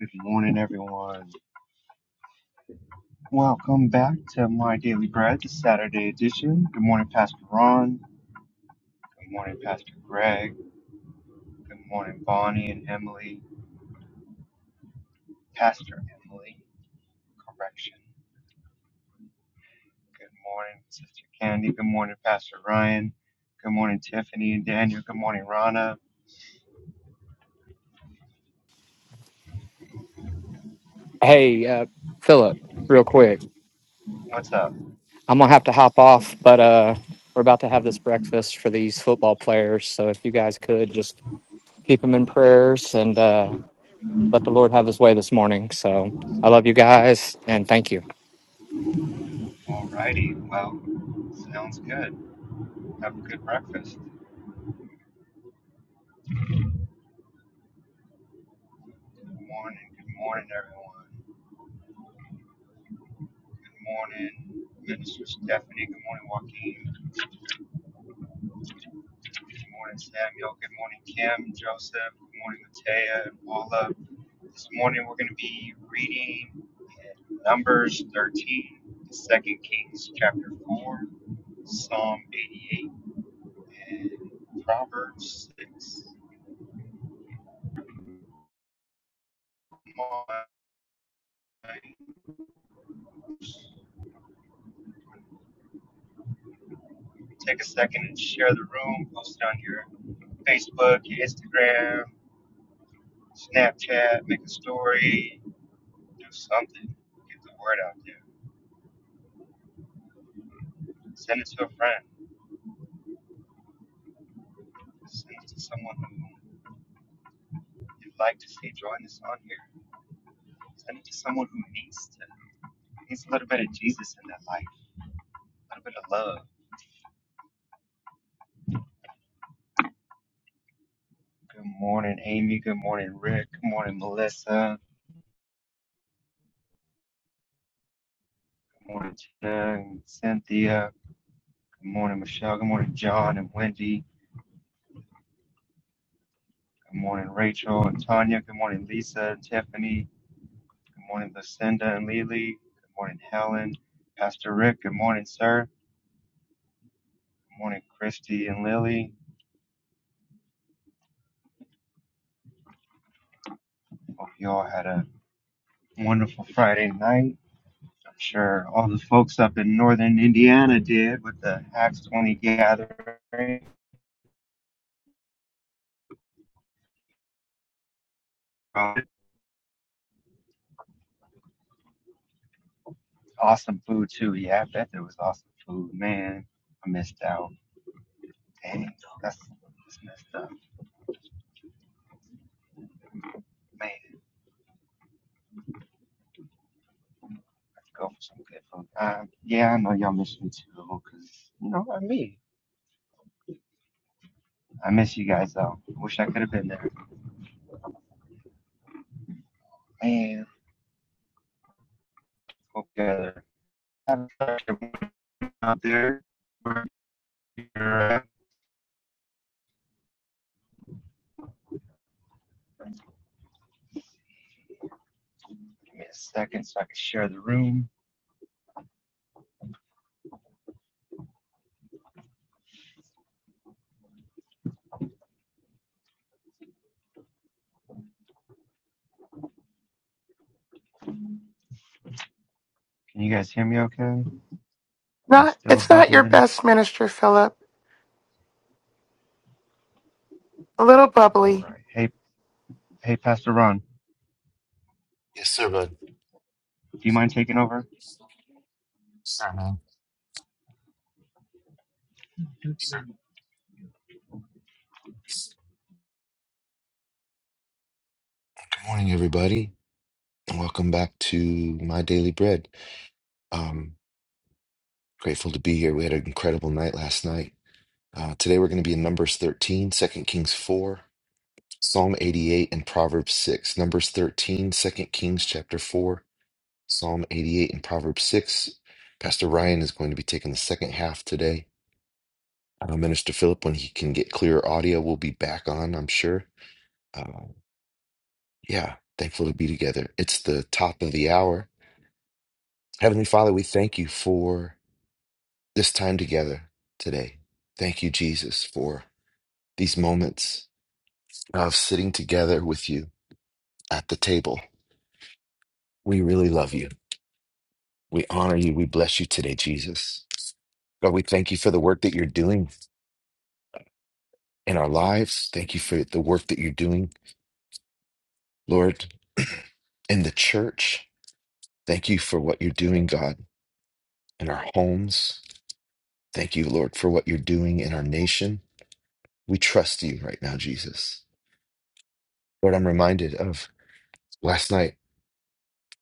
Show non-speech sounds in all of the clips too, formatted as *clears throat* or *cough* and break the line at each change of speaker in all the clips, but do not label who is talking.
Good morning, everyone. Welcome back to My Daily Bread, the Saturday edition. Good morning, Pastor Ron. Good morning, Pastor Greg. Good morning, Bonnie and Emily. Pastor Emily, correction. Good morning, Sister Candy. Good morning, Pastor Ryan. Good morning, Tiffany and Daniel. Good morning, Rana.
Hey, uh, Philip, real quick.
What's up?
I'm gonna have to hop off, but uh, we're about to have this breakfast for these football players. So if you guys could just keep them in prayers and uh, let the Lord have His way this morning. So I love you guys and thank you.
Alrighty. Well, sounds good. Have a good breakfast. Good morning. Good morning, everyone. Good morning, Minister Stephanie. Good morning, Joaquin. Good morning, Samuel. Good morning, Kim, and Joseph. Good morning, Matea and Paula. This morning we're going to be reading in Numbers 13, Second Kings chapter 4, Psalm 88, and Proverbs 6. Come on. Take a second and share the room. Post it on your Facebook, your Instagram, Snapchat. Make a story. Do something. Get the word out there. Send it to a friend. Send it to someone who you'd like to see join us on here. Send it to someone who needs to needs a little bit of Jesus in their life, a little bit of love. Good morning, Amy. Good morning, Rick. Good morning, Melissa. Good morning, Tina and Cynthia. Good morning, Michelle. Good morning, John and Wendy. Good morning, Rachel and Tanya. Good morning, Lisa and Tiffany. Good morning, Lucinda and Lily. Good morning, Helen. Pastor Rick. Good morning, sir. Good morning, Christy and Lily. Hope you all had a wonderful Friday night. I'm sure all the folks up in northern Indiana did with the Acts 20 gathering. Um, Awesome food, too. Yeah, I bet there was awesome food. Man, I missed out. Dang, that's, that's messed up. Man, let's go for some good food. Uh, yeah, I know y'all miss me, too, because, you know, I me. I miss you guys, though. Wish I could have been there. Man, hope you guys are a out there. Give me a second so I can share the room. Can you guys hear me okay? Am I
Not
still
it's not your
bubbling?
best minister, Philip. A little
All
bubbly.
right. Hey, hey, Pastor Ron,
Yes, sir, bud.
do you mind taking over?
Sir, man. Sir. Good morning, everybody. and Welcome back to My Daily Bread. Um, grateful to be here. We had an incredible night last night. Uh, today we're going to be in Numbers 13, two Kings 4, Psalm 88, and Proverbs 6. Numbers 13, two Kings chapter 4, Psalm 88, and Proverbs 6. Pastor Ryan is going to be taking the second half today. Uh, Minister Philip, when he can get clearer audio, will be back on, I'm sure. Uh, Yeah, thankful to be together. It's the top of the hour. Heavenly Father, we thank you for this time together today. Thank you, Jesus, for these moments of sitting together with you at the table. We really love you. We honor you. We bless you today, Jesus. God, we thank you for the work that you're doing in our lives. Thank you for the work that you're doing, Lord, *clears throat* in the church. Thank you for what you're doing, God, in our homes. Thank you, Lord, for what you're doing in our nation. We trust you right now, Jesus. Lord, I'm reminded of last night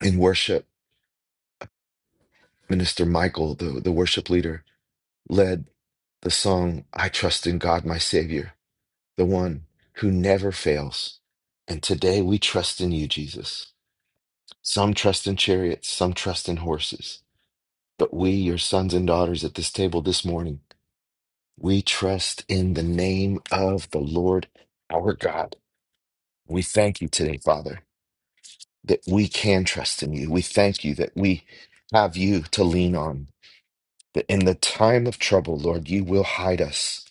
in worship, Minister Michael, the, the worship leader, led the song, I Trust in God, my Savior, the one who never fails. And today we trust in you, Jesus. Some trust in chariots, some trust in horses. But we, your sons and daughters at this table this morning, we trust in the name of the Lord our God. We thank you today, Father that we can trust in you. We thank you that we have you to lean on, that in the time of trouble, Lord, you will hide us,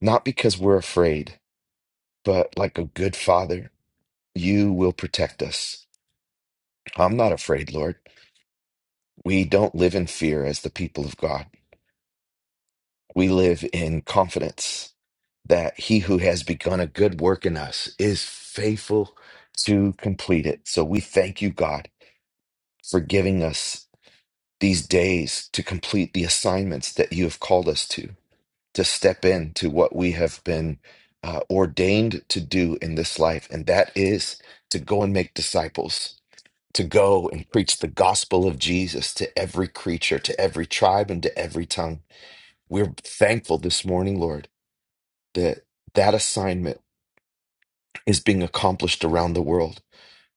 not because we're afraid, but like a good father, you will protect us. I'm not afraid, Lord. We don't live in fear as the people of God. We live in confidence that he who has begun a good work in us is faithful to complete it. So we thank you, God, for giving us these days to complete the assignments that you have called us to, to step into what we have been uh, ordained to do in this life. And that is to go and make disciples, to go and preach the gospel of Jesus to every creature, to every tribe, and to every tongue. We're thankful this morning, Lord, that that assignment is being accomplished around the world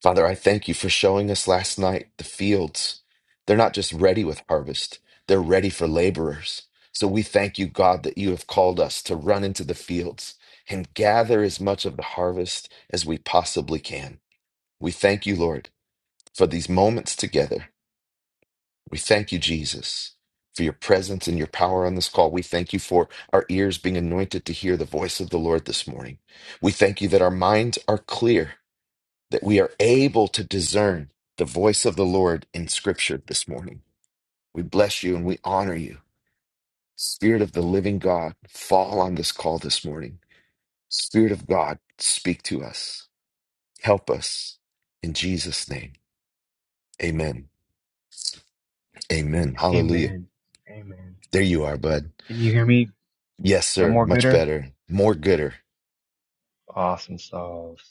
Father, I thank you for showing us last night the fields. They're not just ready with harvest, they're ready for laborers. So we thank you, God, that you have called us to run into the fields and gather as much of the harvest as we possibly can. We thank you, Lord, for these moments together. We thank you, Jesus, for your presence and your power on this call. We thank you for our ears being anointed to hear the voice of the Lord this morning. We thank you that our minds are clear that we are able to discern the voice of the Lord in Scripture this morning. We bless you and we honor you. Spirit of the living God, fall on this call this morning. Spirit of God, speak to us. Help us. In Jesus' name, amen. Amen. Hallelujah.
Amen. Amen.
There you are, bud.
Can you hear me? Is
Yes,
that
sir.
more
Much
gooder?
better. More gooder.
Awesome sauce.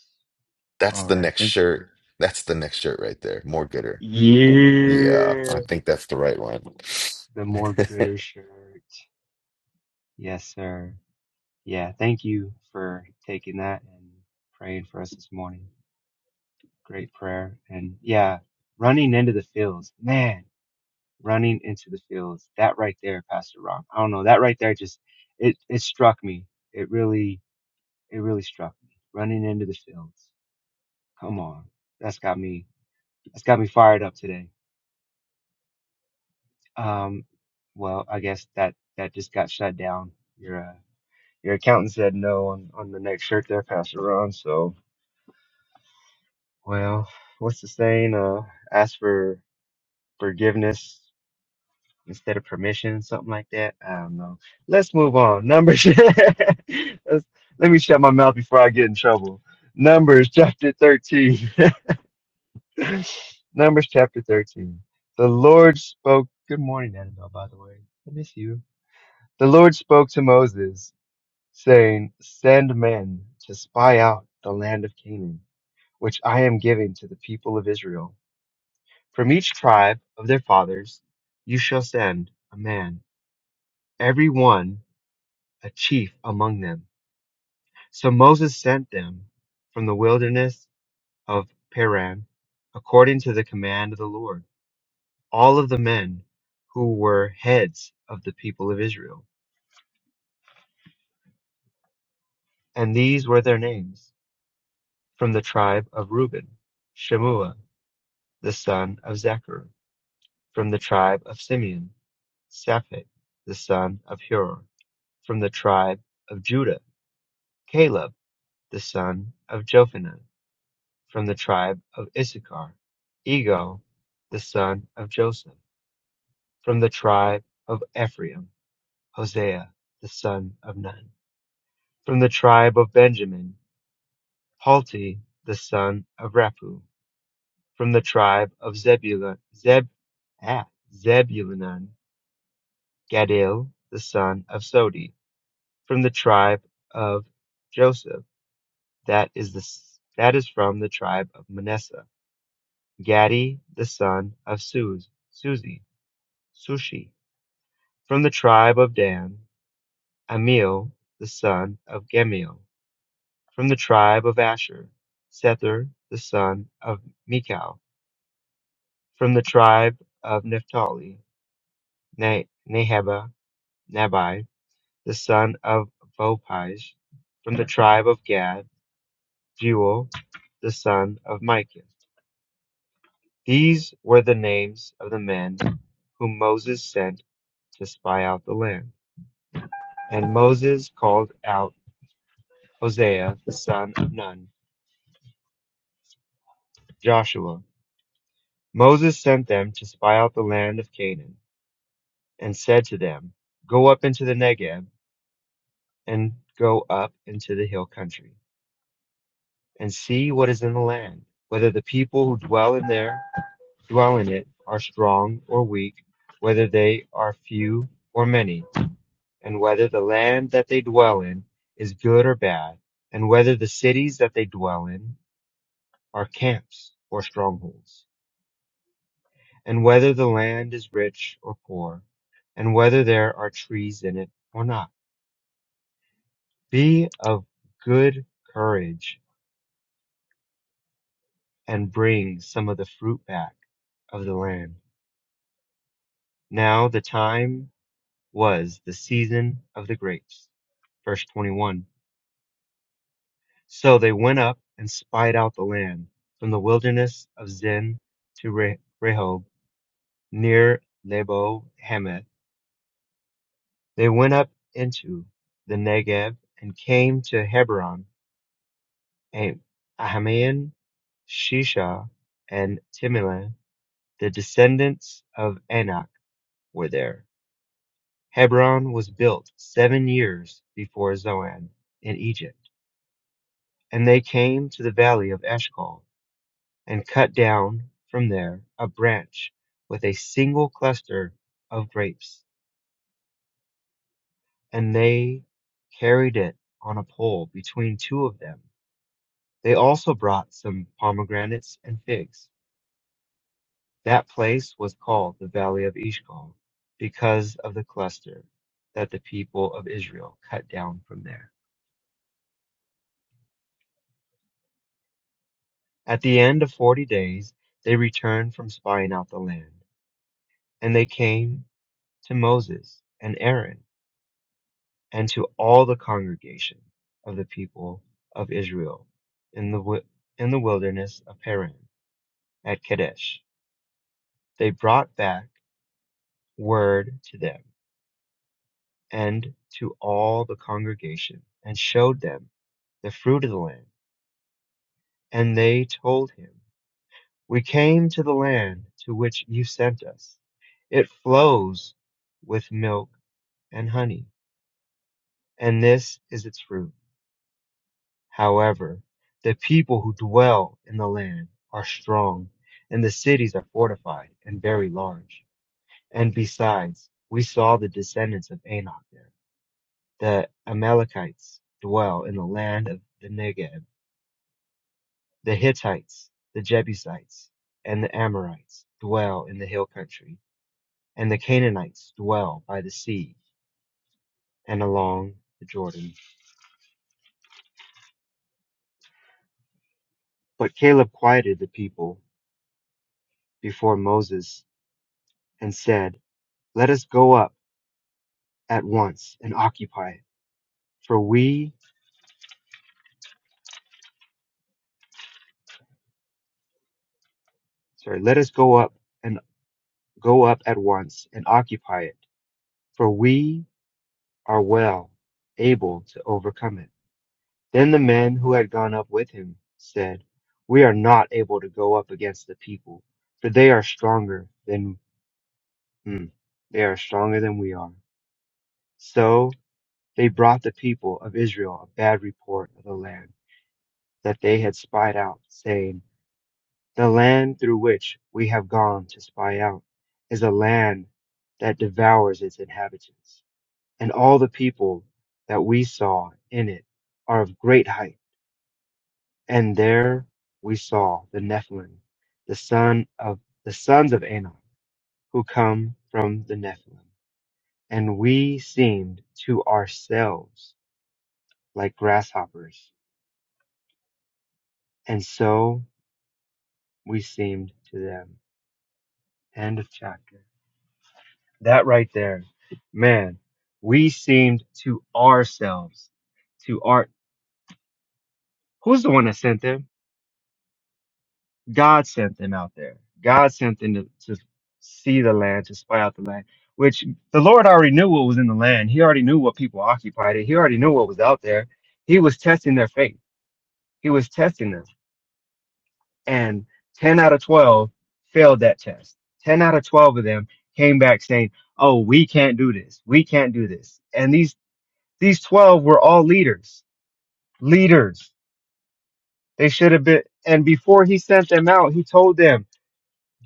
That's
All
the
right.
next
Thank you
shirt.
for.
That's the next shirt right there. More gooder. Oh, yeah, I
Yeah.
think that's the right one.
The more gooder shirt. Yes, sir. Yeah. Thank you for taking that and praying for us this morning. Great prayer. And yeah, running into the fields. Man running into the fields. That right there, Pastor Ron. I don't know. That right there just it it struck me. It really it really struck me. Running into the fields. Come on. That's got me that's got me fired up today. Um well, I guess that that just got shut down. Your uh, your accountant said no on on the next shirt there, Pastor Ron. So, well, what's the saying? Uh ask for forgiveness instead of permission, something like that. I don't know. Let's move on. Numbers. *laughs* Let's, let me shut my mouth before I get in trouble. Numbers chapter 13. *laughs* Numbers chapter 13. The Lord spoke. Good morning, Annabelle, by the way. I miss you. The Lord spoke to Moses, saying, Send men to spy out the land of Canaan, which I am giving to the people of Israel. From each tribe of their fathers you shall send a man, every one." a chief among them. So Moses sent them from the wilderness of Paran, according to the command of the Lord, all of the men who were heads of the people of Israel. And these were their names from the tribe of Reuben, Shemua, the son of Zechar, from the tribe of Simeon, Shaphat, the son of Hur, from the tribe of Judah, Caleb, the son of Jephunneh, from the tribe of Issachar, Ego, the son of Joseph, from the tribe of Ephraim, Hosea, the son of Nun, from the tribe of Benjamin, Palti, the son of Raphu, from the tribe of Zebulun, Zeb, ah, Zebulun, Gadil, the son of Sodi, from the tribe of Joseph, that is the that is from the tribe of Manasseh, Gadi, the son of Suz, Suzi, Sushi, from the tribe of Dan; Amiel, the son of Gemiel, from the tribe of Asher; Sethur, the son of Michal, from the tribe of Naphtali; Na- Nahaba, Nabai, the son of Vopaj, from the tribe of Gad; Jewel, the son of Micah. These were the names of the men whom Moses sent to spy out the land. And Moses called out Hosea the son of Nun, Joshua. Moses sent them to spy out the land of Canaan, and said to them, Go up into the Negeb, and go up into the hill country, and see what is in the land, whether the people who dwell in there dwell in it are strong or weak, whether they are few or many, and whether the land that they dwell in is good or bad, and whether the cities that they dwell in are camps or strongholds. and whether the land is rich or poor, and whether there are trees in it or not. Be of good courage and bring some of the fruit back of the land. Now the time was the season of the grapes. Verse 21. So they went up and spied out the land from the wilderness of Zin to Re- Rehob near Lebo Hamath. They went up into the Negev and came to Hebron Ahman, Shisha, and Timna, the descendants of Anak, were there. Hebron was built seven years before Zoan in Egypt, and they came to the valley of Eshcol and cut down from there a branch with a single cluster of grapes, and they carried it on a pole between two of them. They also brought some pomegranates and figs. That place was called the Valley of Eshcol because of the cluster that the people of Israel cut down from there. At the end of forty days, they returned from spying out the land, and they came to Moses and Aaron and to all the congregation of the people of Israel in the wi- in the wilderness of Paran at Kadesh. They brought back word to them and to all the congregation and showed them the fruit of the land. And they told him, We came to the land to which you sent us. It flows with milk and honey, and this is its fruit. However, the people who dwell in the land are strong, and the cities are fortified and very large. And besides, we saw the descendants of Anak there. The Amalekites dwell in the land of the Negev The Hittites, the Jebusites, and the Amorites dwell in the hill country, and the Canaanites dwell by the sea and along the Jordan. But Caleb quieted the people before Moses and said, Let us go up at once and occupy it, for we, sorry, let us go up and go up at once and occupy it, for we are well able to overcome it. Then the men who had gone up with him said, We are not able to go up against the people, for they are stronger than hmm, they are stronger than we are. So they brought the people of Israel a bad report of the land that they had spied out, saying, The land through which we have gone to spy out is a land that devours its inhabitants, and all the people that we saw in it are of great height And there we saw the Nephilim, the son of the sons of Anak, who come from the Nephilim. And we seemed to ourselves like grasshoppers, and so we seemed to them. End of chapter. That right there, man. We seemed to ourselves, to our. Who's the one that sent them? God sent them out there. God sent them to, to see the land, to spy out the land, which the Lord already knew what was in the land. He already knew what people occupied it. He already knew what was out there. He was testing their faith. He was testing them. And 10 out of 12 failed that test. 10 out of 12 of them came back saying, Oh, we can't do this. We can't do this. And these, these 12 were all leaders, leaders. They should have been. And before he sent them out, he told them,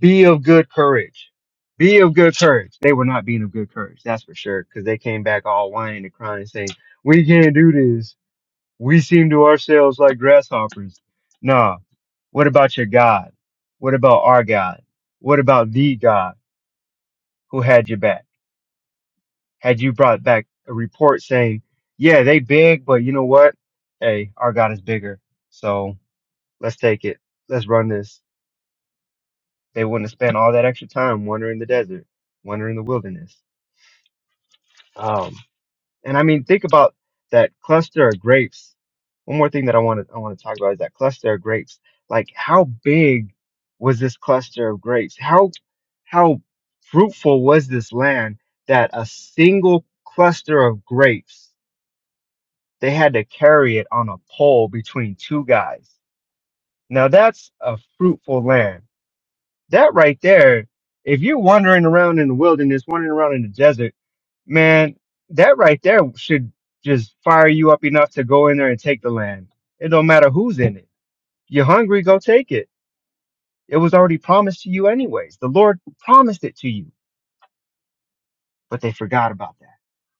Be of good courage. Be of good courage. They were not being of good courage, that's for sure, because they came back all whining and crying and saying, We can't do this. We seem to ourselves like grasshoppers. Nah. What about your God? What about our God? What about the God who had your back? Had you brought back a report saying, Yeah, they big, but you know what? Hey, our God is bigger. So let's take it. Let's run this. They wouldn't have spent all that extra time wandering the desert, wandering the wilderness. Um, and I mean, think about that cluster of grapes. One more thing that I want to I want to talk about is that cluster of grapes. Like, how big was this cluster of grapes? How how fruitful was this land that a single cluster of grapes they had to carry it on a pole between two guys? Now that's a fruitful land. That right there. If you're wandering around in the wilderness, wandering around in the desert man, that right there should just fire you up enough to go in there and take the land. It don't matter who's in it. You're hungry, go take it. It was already promised to you anyways. The Lord promised it to you, but they forgot about that.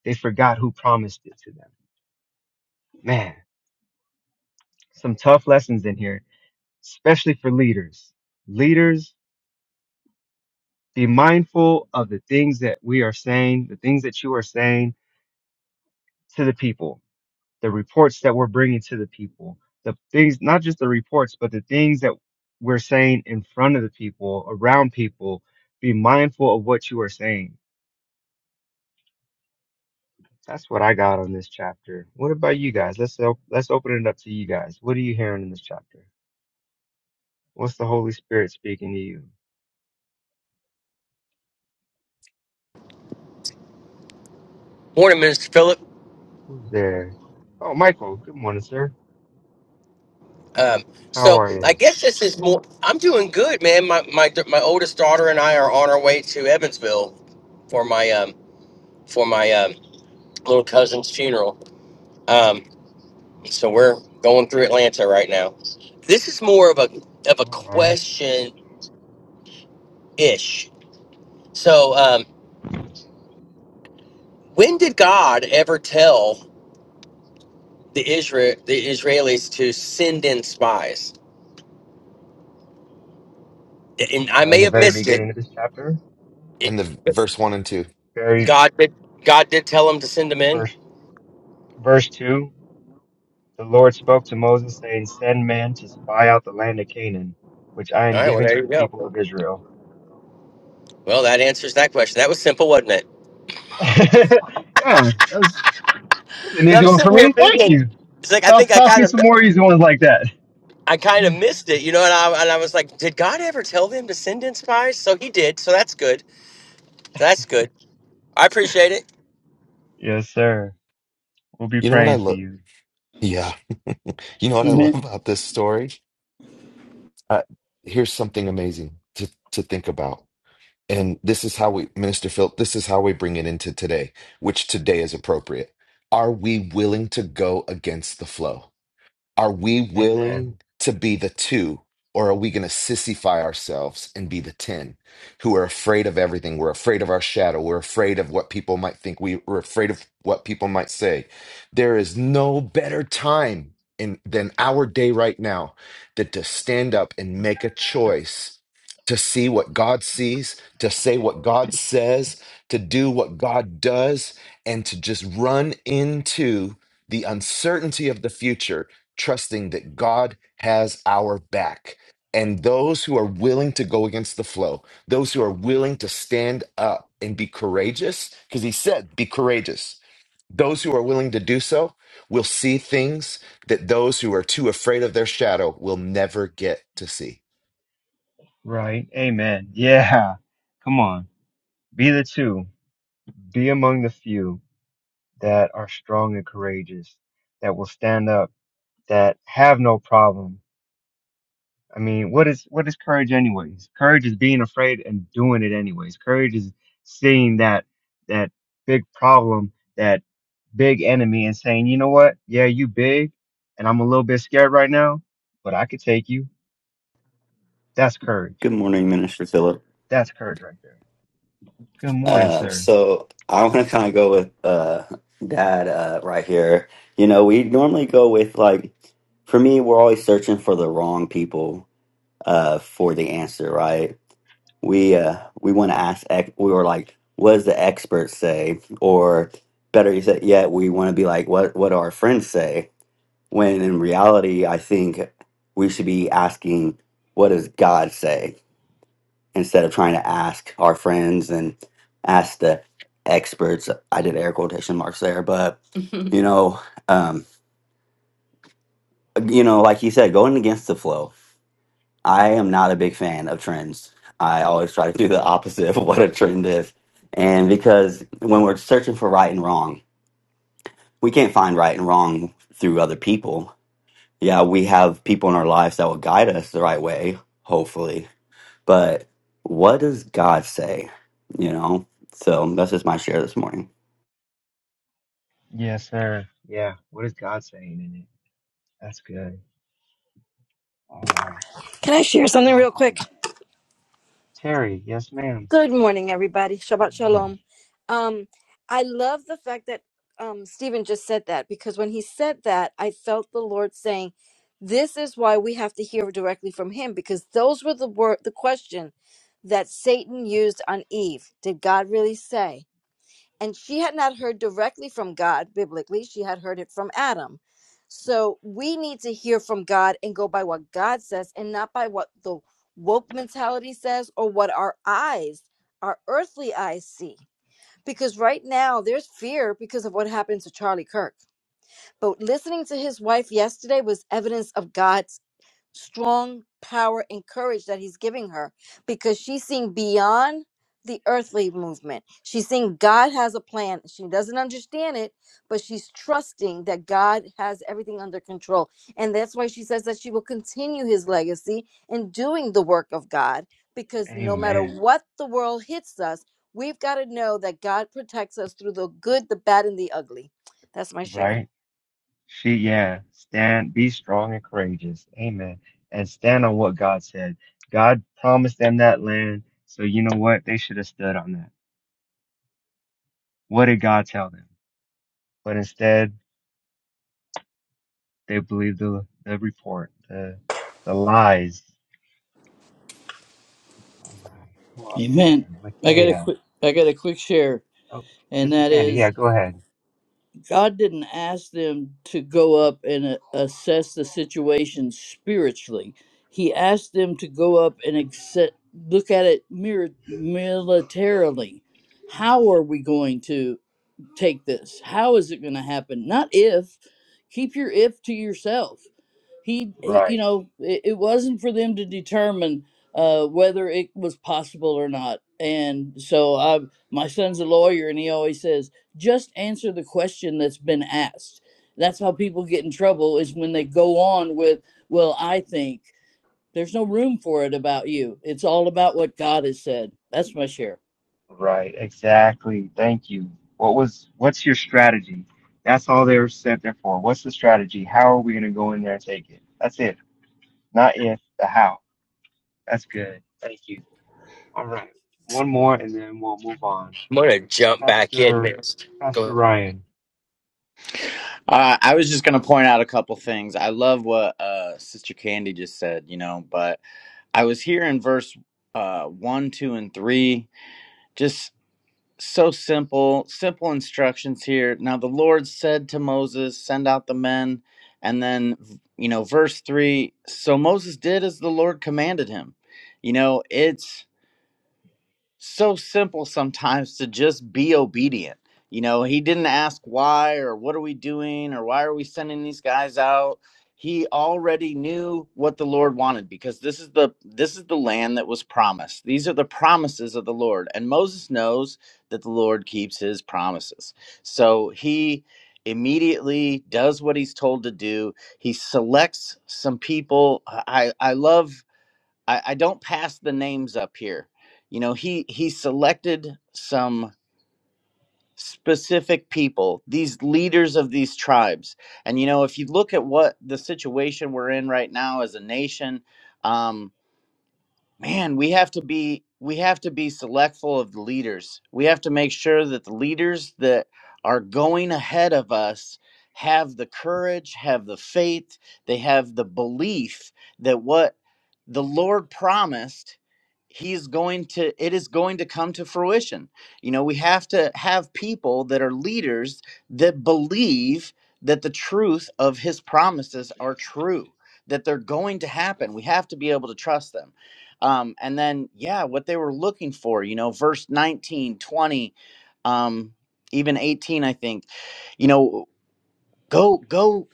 They forgot who promised it to them. Man, some tough lessons in here, especially for leaders. Leaders, be mindful of the things that we are saying, the things that you are saying to the people the reports that we're bringing to the people, the things, not just the reports, but the things that we're saying in front of the people, around people. Be mindful of what you are saying. That's what I got on this chapter. What about you guys? Let's op- let's open it up to you guys. What are you hearing in this chapter? What's the Holy Spirit speaking to you?
Morning, Minister Philip.
Who's there? Oh, Michael. Good morning, sir.
Um,
How
so
are
I
you?
guess this is more. I'm doing good, man. My my my oldest daughter and I are on our way to Evansville for my um for my um, little cousin's funeral. Um,
Oh
so
man.
we're going through Atlanta right now. This is more of a of a
All right.
question ish. So um, when did God ever tell the Israel the Israelis to send in spies? And I
Uh, in
may
the
have
very
missed it.
beginning of this chapter,
*laughs*
it
in the verse 1 and 2.
very
God did. God did tell them to send them in.
verse verse two. The Lord spoke to Moses, saying, Send men to spy out the land of Canaan, which I
All
am
right, well,
giving
there
to
you
the
go.
people of Israel.
Well, that answers that question. That was simple, wasn't it?
*laughs* yeah, that was, that was an
And
easy
I'm
one for
sitting here
me. Thank
thinking,
you.
it's like I
Toss,
think I
toss me
kind of,
some more easy ones like that.
I kind of missed it, you know. And I and I was like, did God ever tell them to send in spies? So He did. So that's good. That's good. I appreciate it.
Yes, sir. We'll be
You know what I
praying for
love?
you.
Yeah. You know what I love
Amen.
about this story? Uh, here's something amazing to, to think about. And this is how we, Minister Phil, this is how we bring it into today, which today is appropriate. Are we willing to go against the flow? Are we
Amen.
willing to be the two, or are we going to sissify ourselves and be the 10 who are afraid of everything? We're afraid of our shadow. We're afraid of what people might think. We, we're afraid of what people might say. There is no better time in, than our day right now than to stand up and make a choice to see what God sees, to say what God says, to do what God does, and to just run into the uncertainty of the future trusting that God has our back. And those who are willing to go against the flow, those who are willing to stand up and be courageous, because he said, be courageous. Those who are willing to do so will see things that those who are too afraid of their shadow will never get to see.
Right. Amen. Yeah. Come on. Be the two. Be among the few that are strong and courageous, that will stand up, that have no problem I mean, what is what is courage anyways? Courage is being afraid and doing it anyways. Courage is seeing that that big problem, that big enemy and saying, "You know what? Yeah, you big and I'm a little bit scared right now, but I could take you." That's
Good
courage.
morning, Minister Philip.
That's courage right there. Good morning,
Uh,
sir.
so I want to kind of go with uh, Dad uh, right here. You know, we normally go with like, for me, we're always searching for the wrong people uh, for the answer, right? We uh, we want to ask. ex- We were like, what does the experts say? Or better yet, yet we want to be like, what what do our friends say? When in reality, I think we should be asking, what does God say? instead of trying to ask our friends and ask the experts i did air quotation marks there but *laughs* you know um you know like you said going against the flow i am not a big fan of trends i always try to do the opposite of what a trend is and because when we're searching for right and wrong we can't find right and wrong through other people yeah we have people in our lives that will guide us the right way hopefully But what does God say? You know? So that's just my share this morning.
Yes, sir. Yeah. What is God saying in it? That's good. All right.
Can I share something
Who else
real
is
quick?
there? Terry. Yes, ma'am.
Good morning, everybody. Shabbat
Good morning.
shalom. Um, I love the fact that um, Stephen just said that because when he said that, I felt the Lord saying, "This is why we have to hear directly from Him," because those were the word, the question that Satan used on Eve. Did God really say? and she had not heard directly from God biblically, she had heard it from Adam. So we need to hear from God and go by what God says and not by what the woke mentality says or what our eyes, our earthly eyes see. Because right now there's fear because of what happened to Charlie Kirk. But listening to his wife yesterday was evidence of God's strong power and courage that he's giving her because she's seeing beyond the earthly movement. She's seeing God has a plan. She doesn't understand it, but she's trusting that God has everything under control. And that's why she says that she will continue his legacy in doing the work of God because no matter
Amen.
Mhm. what the world hits us, we've got to know that God protects us through the good, the bad, and the ugly. That's my share.
Right? She, yeah, stand, be strong and courageous. Amen. And stand on what God said. God promised them that land. So you know what? They should have stood on that. What did God tell them? But instead, they believed the, the report, the, the lies. All right. Who else is
Amen.
there?
I got a
Matea.
quick I got a quick share,
Oh,
and
Sister
that
Candy. Yeah,
is
go ahead.
God didn't ask them to go up and uh, assess the situation spiritually. He asked them to go up and accept, look at it mir- militarily. How are we going to take this? How is it going to happen? Not if. Keep your if to yourself. he, he you
Right.
know it, it wasn't for them to determine uh, whether it was possible or not and so i my son's a lawyer and he always says just answer the question that's been asked that's how people get in trouble is when they go on with well i think there's no room for it about you it's all about what god has said that's my share
Right. Exactly. Thank you. What was, what's your strategy? That's all they were sent there for. What's the strategy? How are we going to go in there and take it? That's it. Not if, the how. That's good. Thank you. All right. One more and then we'll move on.
I'm gonna jump back in,
Pastor
Minister.
Pastor
Go,
Ryan.
Uh, I was just going to point out a couple things. I love what uh, Sister Candy just said, you know, but I was here in verse uh, 1, 2, and 3. Just so simple, simple instructions here. Now, the Lord said to Moses, Send out the men. And then, you know, verse 3 so Moses did as the Lord commanded him. You know, it's so simple sometimes to just be obedient. You know, he didn't ask why or what are we doing or why are we sending these guys out. He already knew what the Lord wanted because this is the this is the land that was promised. These are the promises of the Lord and Moses knows that the Lord keeps his promises. So he immediately does what he's told to do. He selects some people. I I love I, I don't pass the names up here. You know, he he selected some specific people, these leaders of these tribes. And you know, if you look at what the situation we're in right now as a nation, um, man we have to be we have to be selectful of the leaders we have to make sure that the leaders that are going ahead of us have the courage have the faith they have the belief that what the lord promised he's going to it is going to come to fruition you know we have to have people that are leaders that believe that the truth of his promises are true that they're going to happen we have to be able to trust them um and then yeah what they were looking for you know verse 19, 20, um even 18 i think you know go go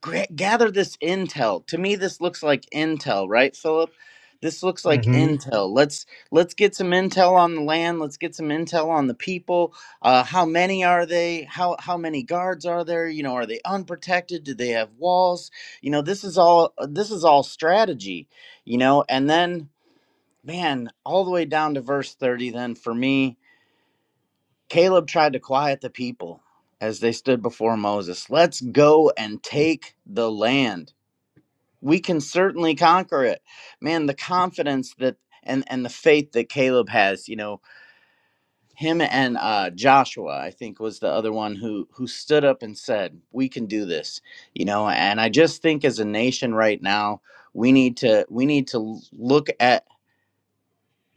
gra- gather this intel to me this looks like intel right philip this looks like
Mm-hmm.
intel let's let's get some intel on the land let's get some intel on the people uh how many are they how how many guards are there you know are they unprotected do they have walls you know this is all this is all strategy you know and then man, all the way down to verse 30, then for me, Caleb tried to quiet the people as they stood before Moses. Let's go and take the land. We can certainly conquer it. Man, the confidence that and and the faith that Caleb has, you know, him and uh, Joshua, I think, was the other one who who stood up and said, "We can do this," you know. And I just think, as a nation right now, we need to we need to look at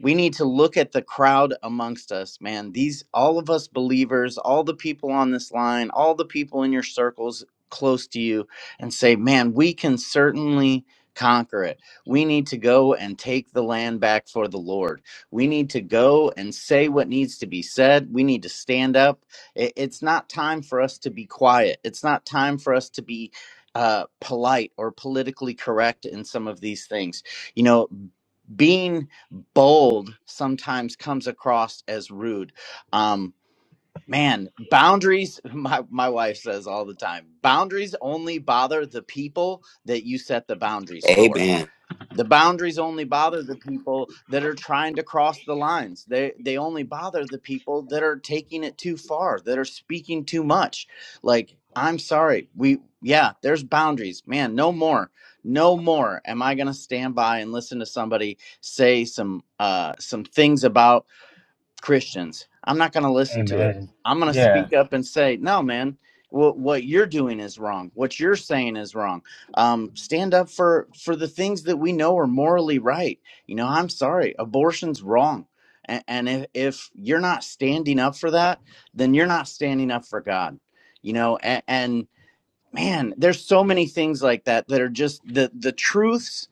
we need to look at the crowd amongst us man these all of us believers all the people on this line all the people in your circles close to you and say man we can certainly conquer it we need to go and take the land back for the lord we need to go and say what needs to be said we need to stand up I- it's not time for us to be quiet it's not time for us to be uh, polite or politically correct in some of these things you know being bold sometimes comes across as rude. Um, man, boundaries, *laughs* my, my wife says all the time boundaries only bother the people that you set the boundaries for
Amen.
the boundaries only bother the people that are trying to cross the lines. They they only bother the people that are taking it too far, that are speaking too much. Like, I'm sorry. We yeah, there's boundaries. Man, no more. No more am I going to stand by and listen to somebody say some uh some things about Christians. I'm not going to listen to it.
Amen.
I'm going to
Yeah.
speak up and say, no, man, what, what you're doing is wrong. What you're saying is wrong. Um, stand up for, for the things that we know are morally right. You know, I'm sorry, abortion's wrong. And, and if, if you're not standing up for that, then you're not standing up for God, you know, and, and man, there's so many things like that that are just the, the truths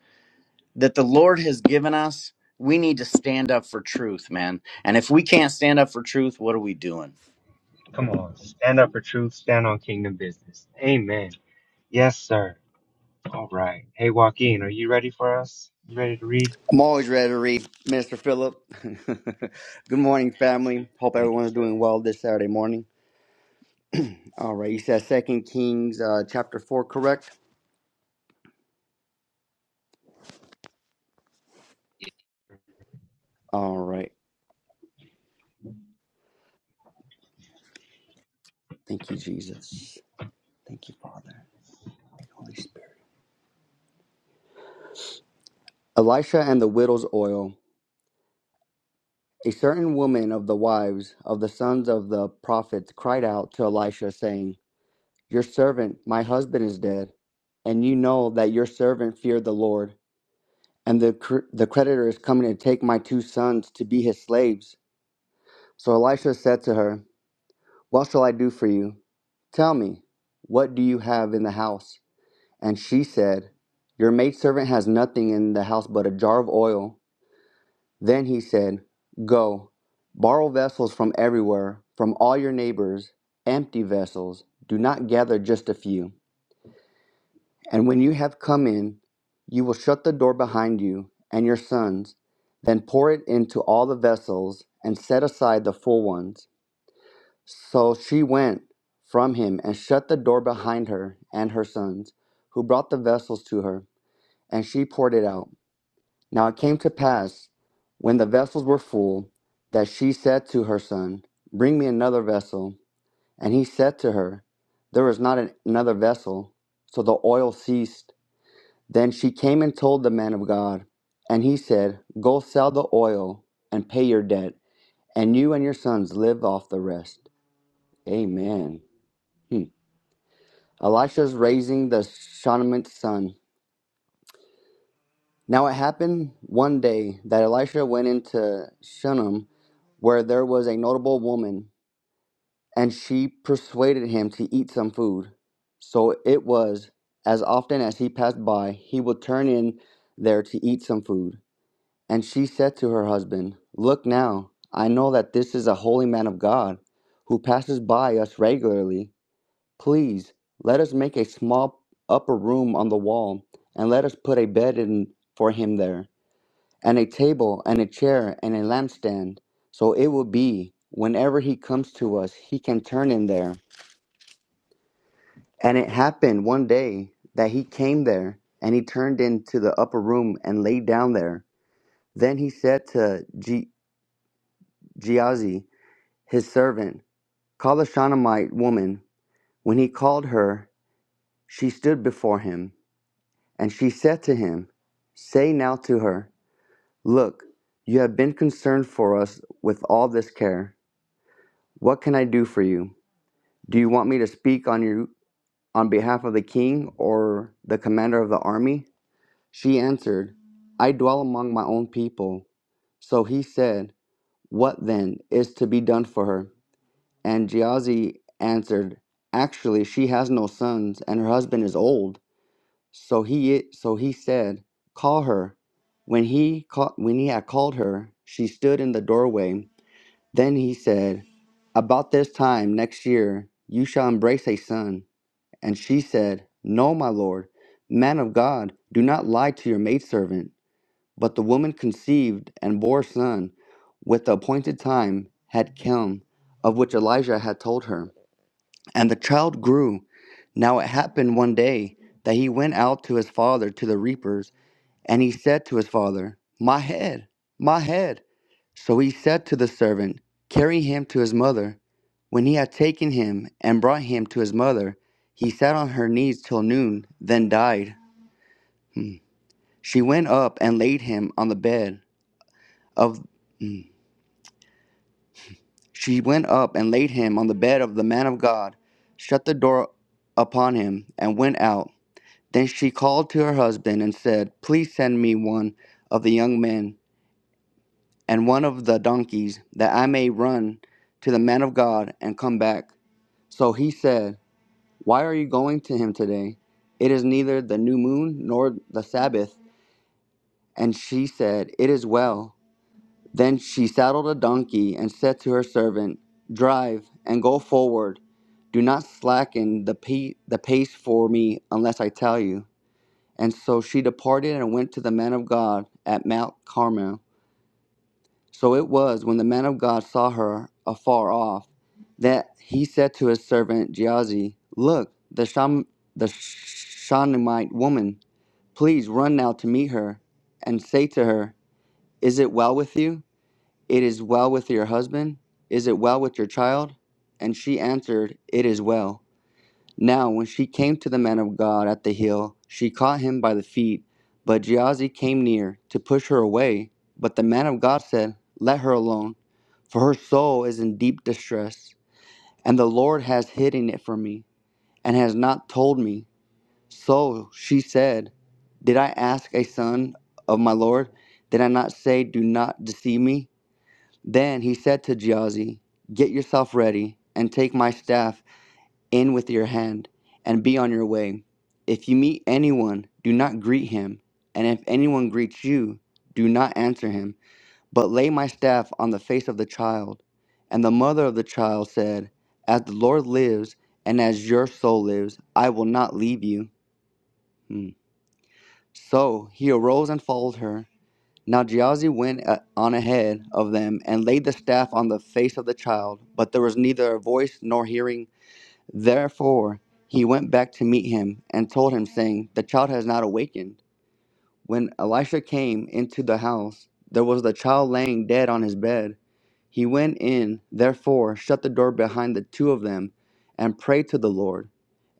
that the Lord has given us, we need to stand up for truth, man. And if we can't stand up for truth, what are we doing?
Come on. Stand up for truth. Stand on kingdom business. Amen. Yes, sir. All right. Hey Joaquin, are you ready for us? You ready to read?
I'm always ready to read, Minister Philip. *laughs* Good morning, family. Hope
Thank you,
everyone's
sir.
doing well this Saturday morning. All right, you said Second Kings uh, chapter four, correct? All right. Thank you, Jesus. Thank you, Father. Thank you, Holy Spirit. Elisha and the widow's oil. A certain woman of the wives of the sons of the prophets cried out to Elisha, saying, "Your servant, my husband, is dead, and you know that your servant feared the Lord." and the, cr- the creditor is coming to take my two sons to be his slaves. So Elisha said to her, What shall I do for you? Tell me, what do you have in the house? And she said, Your maidservant has nothing in the house but a jar of oil. Then he said, Go, borrow vessels from everywhere, from all your neighbors, empty vessels. Do not gather just a few. And when you have come in, you will shut the door behind you and your sons, then pour it into all the vessels, and set aside the full ones. So she went from him and shut the door behind her and her sons, who brought the vessels to her, and she poured it out. Now it came to pass, when the vessels were full, that she said to her son, Bring me another vessel. And he said to her, There is not an- another vessel. So the oil ceased. Then she came and told the man of God, and he said, Go sell the oil and pay your debt, and you and your sons live off the rest. Amen. Hmm. Elisha's raising the Shunammite son. Now it happened one day that Elisha went into Shunem, where there was a notable woman, and she persuaded him to eat some food. So it was, as often as he passed by, he would turn in there to eat some food. And she said to her husband, Look now, I know that this is a holy man of God who passes by us regularly. Please let us make a small upper room on the wall, and let us put a bed in for him there, and a table, and a chair, and a lampstand. So it will be, whenever he comes to us, he can turn in there. And it happened one day that he came there, and he turned into the upper room and lay down there. Then he said to Ge- Gehazi, his servant, Call the Shunammite woman. When he called her, she stood before him, and she said to him, Say now to her, Look, you have been concerned for us with all this care. What can I do for you? Do you want me to speak on you on behalf of the king or the commander of the army? She answered, I dwell among my own people. So he said, What then is to be done for her? And Gehazi answered, Actually, she has no sons, and her husband is old. So he so he said, Call her. When he called, when he had called her, she stood in the doorway. Then he said, About this time next year you shall embrace a son. And she said, No, my lord, man of God, do not lie to your maidservant. But the woman conceived and bore a son, with the appointed time had come, of which Elijah had told her. And the child grew. Now it happened one day that he went out to his father to the reapers, and he said to his father, My head, my head. So he said to the servant, Carry him to his mother. When he had taken him and brought him to his mother, he sat on her knees till noon, then died. She went up and laid him on the bed of she went up and laid him on the bed of the man of God, shut the door upon him, and went out. Then she called to her husband and said, Please send me one of the young men and one of the donkeys, that I may run to the man of God and come back. So he said, Why are you going to him today? It is neither the new moon nor the Sabbath. And she said, It is well. Then she saddled a donkey and said to her servant, Drive and go forward. Do not slacken the, pe- the pace for me unless I tell you. And so she departed and went to the man of God at Mount Carmel. So it was when the man of God saw her afar off that he said to his servant Gehazi, Look, the, Sham- the Shunammite woman, please run now to meet her and say to her, 'Is it well with you? It is well with your husband? Is it well with your child? And she answered, 'It is well. Now, when she came to the man of God at the hill, she caught him by the feet. But Gehazi came near to push her away. But the man of God said, Let her alone, for her soul is in deep distress, and the Lord has hidden it from me, and has not told me. So she said, Did I ask a son of my Lord? Did I not say, Do not deceive me? Then he said to Gehazi, Get yourself ready, and take my staff in with your hand, and be on your way. If you meet anyone, do not greet him, and if anyone greets you, do not answer him, but lay my staff on the face of the child. And the mother of the child said, As the Lord lives, and as your soul lives, I will not leave you. Hmm. So he arose and followed her. Now Geazi went uh, on ahead of them and laid the staff on the face of the child, but there was neither a voice nor hearing Therefore he went back to meet him and told him, saying, The child has not awakened when Elisha came into the house, there was the child laying dead on his bed. He went in, therefore, shut the door behind the two of them, and prayed to the Lord.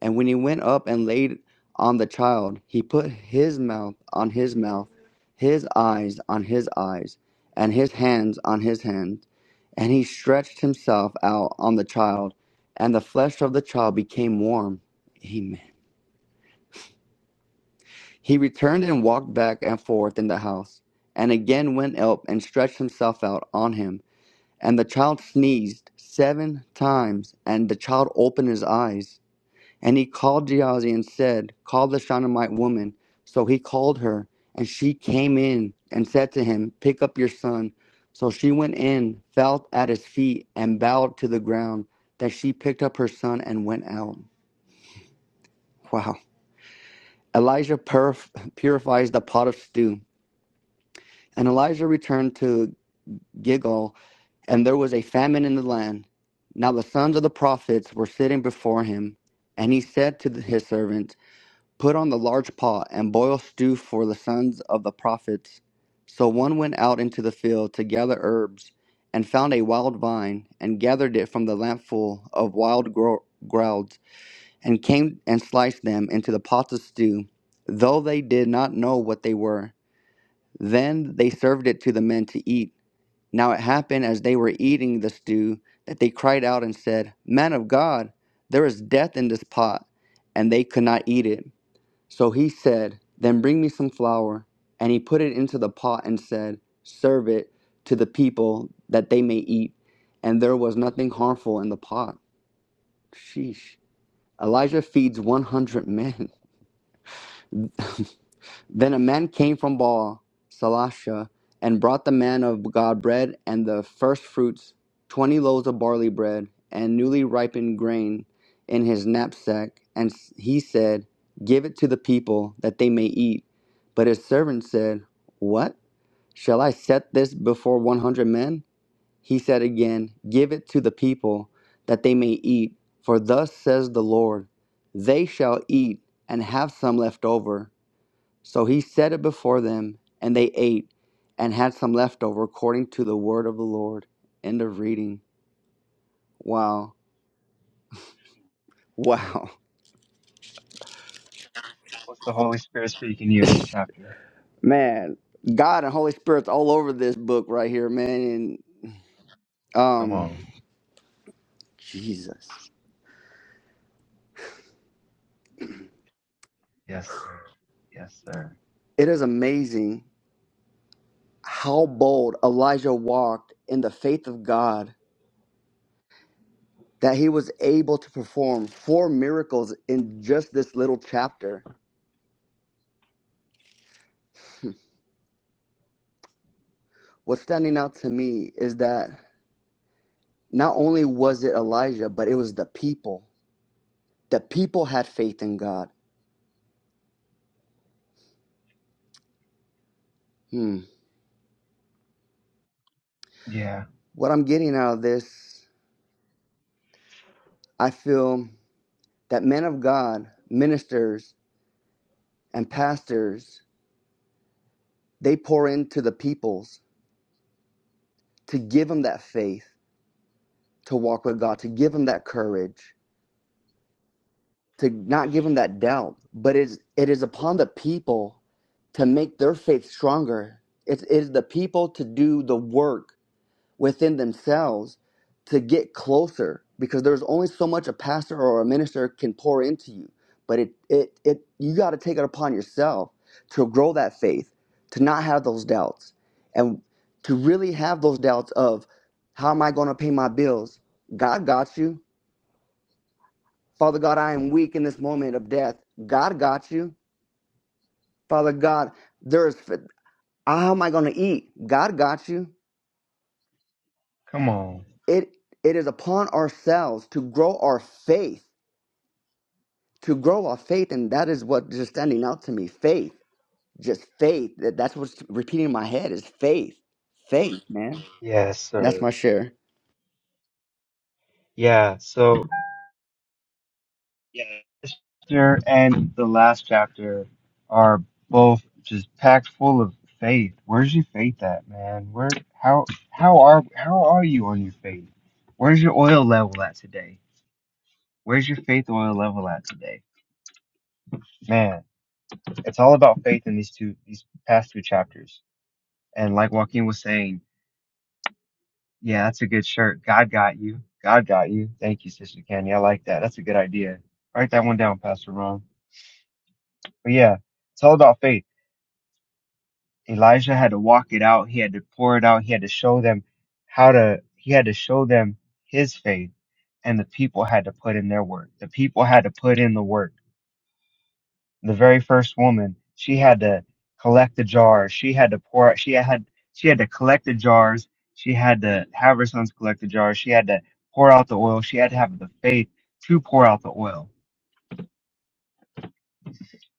And when he went up and laid on the child, he put his mouth on his mouth, his eyes on his eyes, and his hands on his hands. And he stretched himself out on the child, and the flesh of the child became warm. He returned and walked back and forth in the house, and again went up and stretched himself out on him. And the child sneezed seven times, and the child opened his eyes. And he called Gehazi and said, Call the Shunammite woman. So he called her, and she came in and said to him, Pick up your son. So she went in, fell at his feet, and bowed to the ground. Then she picked up her son and went out. Wow. Elijah purif- purifies the pot of stew. And Elijah returned to Gilgal, and there was a famine in the land. Now the sons of the prophets were sitting before him, and he said to his servant, Put on the large pot and boil stew for the sons of the prophets. So one went out into the field to gather herbs, and found a wild vine, and gathered it from the lampful of wild gro- grouds, and came and sliced them into the pot of stew, though they did not know what they were. Then they served it to the men to eat. Now it happened as they were eating the stew that they cried out and said, Man of God, there is death in this pot, and they could not eat it. So he said, Then bring me some flour. And he put it into the pot and said, Serve it to the people that they may eat. And there was nothing harmful in the pot. Sheesh. Elijah feeds 100 men. *laughs* Then a man came from Baal, Salasha, and brought the man of God bread and the first fruits, twenty loaves of barley bread, and newly ripened grain in his knapsack. And s- he said, Give it to the people, that they may eat. But his servant said, What? Shall I set this before one hundred men? He said again, Give it to the people, that they may eat. For thus says the Lord, They shall eat and have some left over so he set it before them, and they ate and had some left over according to the word of the Lord. End of reading. Wow. *laughs*
Hmm.
Wow.
What's the Holy Spirit speaking to you in this chapter?
Man, God and Holy Spirit's all over this book right here, man. And
Come
um
on.
Jesus.
Yes, sir. Yes, sir.
It is amazing how bold Elijah walked in the faith of God that he was able to perform four miracles in just this little chapter *laughs* what's standing out to me is that Not only was it Elijah, but it was the people. The people had faith in God. Hmm.
Yeah.
What I'm getting out of this, I feel that men of God, ministers, and pastors, they pour into the peoples to give them that faith to walk with God, to give them that courage, to not give them that doubt. But it's, it is upon the people to make their faith stronger. It it is the people to do the work within themselves to get closer because there's only so much a pastor or a minister can pour into you but it it, it you got to take it upon yourself to grow that faith to not have those doubts and to really have those doubts of how am i going to pay my bills god got you father god i am weak in this moment of death god got you father god there is how am i going to eat god got you
Come on.
it it is upon ourselves to grow our faith to grow our faith and that is what just standing out to me faith just faith that that's what's repeating in my head is faith faith man
Yes,
that's my
sir.
share
Yeah. So Yeah, this chapter and the last chapter are both just packed full of faith. Where's your faith at, man? Where how how are how are you on your faith? Where's your oil level at today? Where's your faith oil level at today? Man, it's all about faith in these two these past two chapters. And like Joaquin was saying, yeah, that's a good shirt. God got you. God got you. Thank you, Sister Candy. I like that. That's a good idea. Write that one down, Pastor Ron. But yeah, it's all about faith Elijah had to walk it out. He had to pour it out. He had to show them how to, he had to show them his faith and the people had to put in their work. The people had to put in the work. The very first woman, she had to collect the jars. She had to pour, she had, she had to collect the jars. She had to have her sons collect the jars. She had to pour out the oil. She had to have the faith to pour out the oil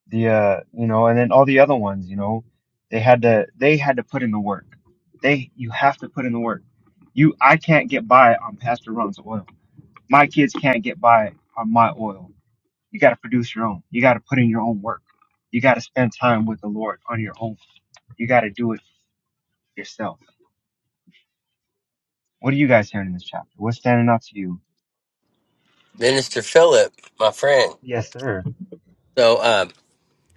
the uh you know and then all the other ones you know they had to they had to put in the work they you have to put in the work you i can't get by on pastor ron's oil my kids can't get by on my oil you got to produce your own you got to put in your own work you got to spend time with the lord on your own you got to do it yourself what are you guys hearing in this chapter what's standing out to you
Minister Philip, my friend.
yes sir
So um,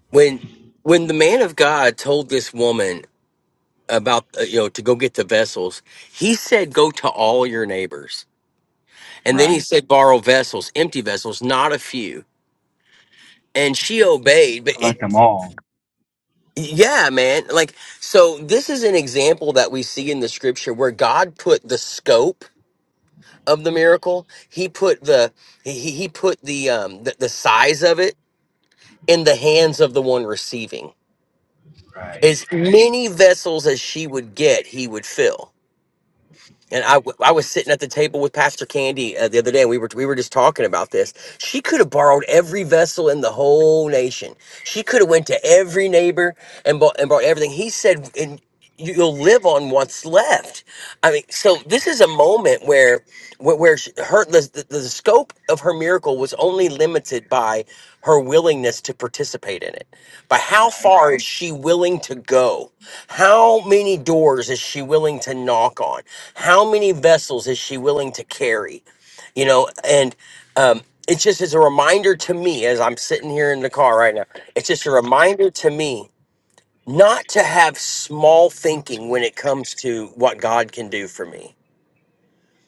when when the man of God told this woman about uh, you know to go get the vessels, he said, go to all your neighbors And then he
Right.
said, borrow vessels, empty vessels, not a few. And she obeyed, but
i
it,
like them all
yeah, man. Like, so this is an example that we see in the scripture where God put the scope of the miracle. He put the, he, he put the, um, the, the size of it in the hands of the one receiving.
right
As many vessels as she would get, he would fill. and I, w- I was sitting at the table with Pastor Candy uh, the other day, and we were we were just talking about this. She could have borrowed every vessel in the whole nation. She could have went to every neighbor and bought and bought everything. He said, "And you- you'll live on what's left." I mean, so this is a moment where where, where she, her the, the the scope of her miracle was only limited by her willingness to participate in it but how
right
far is she willing to go? How many doors is she willing to knock on? How many vessels is she willing to carry? You know, and um, it's just as a reminder to me as I'm sitting here in the car right now, it's just a reminder to me not to have small thinking when it comes to what God can do for me.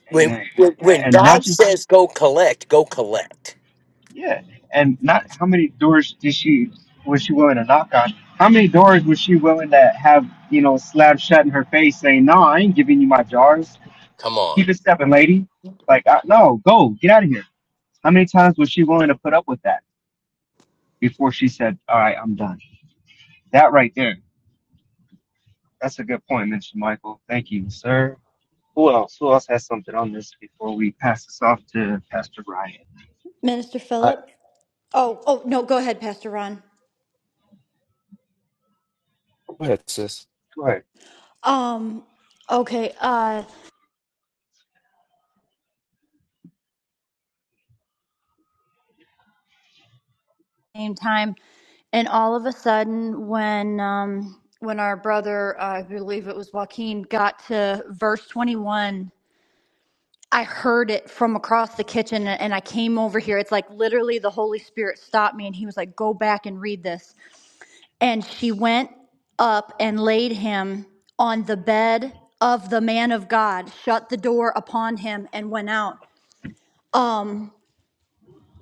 When,
amen
when
yeah
when
and not
God
just
says go collect, go collect.
Yeah, and not how many doors did she was she willing to knock on? How many doors was she willing to have you know slap shut in her face, saying, "No, I ain't giving you my jars.
Come on.
Keep it stepping, lady. Like, I, no, go get out of here." How many times was she willing to put up with that before she said, "All right, I'm done"? That right there, that's a good point, Mr. Michael. Thank you, sir. Who else? Who else has something on this before we pass this off to Pastor Ryan?
Minister
I,
Philip? Oh, oh, no, go ahead, Pastor Ron.
go ahead, sis.
Go ahead.
Um, okay, uh, same time. And all of a sudden, when, um, when our brother, uh, I believe it was Joaquin, got to verse 21, I heard it from across the kitchen and I came over here. It's like literally the Holy Spirit stopped me and he was like, go back and read this. And she went up and laid him on the bed of the man of God, shut the door upon him, and went out. um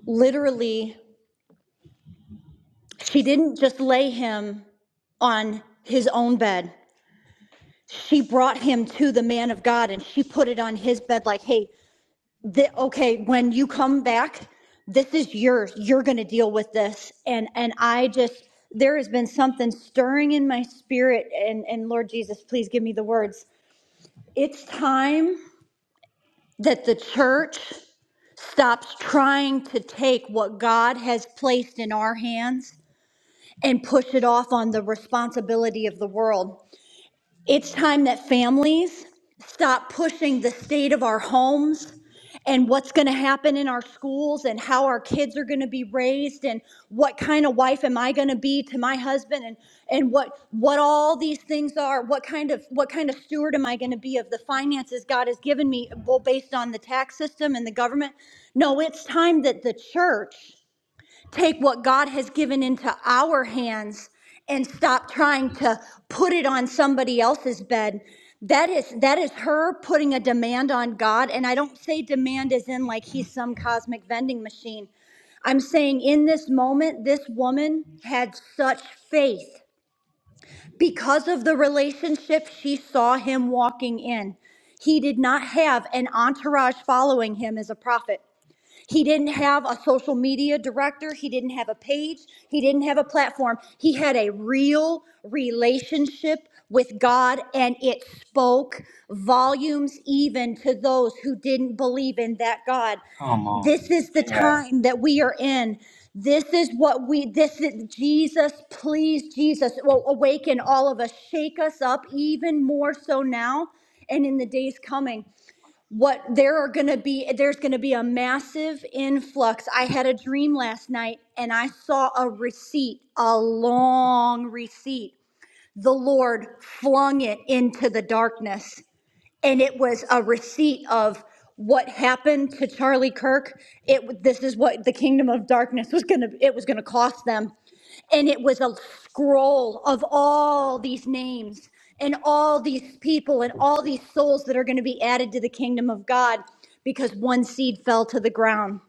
literally she didn't just lay him on his own bed she brought him to the man of god and she put it on his bed like hey th- okay when you come back this is yours you're going to deal with this and and i just there has been something stirring in my spirit and and lord jesus please give me the words it's time that the church stops trying to take what god has placed in our hands and push it off on the responsibility of the world. It's time that families stop pushing the state of our homes and what's going to happen in our schools and how our kids are going to be raised and what kind of wife am I going to be to my husband and and what what all these things are what kind of what kind of steward am I going to be of the finances God has given me well based on the tax system and the government no it's time that the church take what God has given into our hands and stop trying to put it on somebody else's bed. That is that is her putting a demand on God and I don't say demand as in like he's some cosmic vending machine. I'm saying in this moment this woman had such faith because of the relationship she saw him walking in. He did not have an entourage following him as a prophet. He didn't have a social media director. He didn't have a page. He didn't have a platform. He had a real relationship with God, and it spoke volumes even to those who didn't believe in that God.
Come
This
on.
is the
Yeah.
time that we are in. This is what we, this is Jesus, please, Jesus, well, awaken all of us, shake us up even more so now and in the days coming what there are going to be there's going to be a massive influx i had a dream last night and i saw a receipt a long receipt the lord flung it into the darkness and it was a receipt of what happened to Charlie Kirk. It this is what the kingdom of darkness was gonna it was gonna cost them, and it was a scroll of all these names and all these people and all these souls that are going to be added to the kingdom of God because one seed fell to the ground.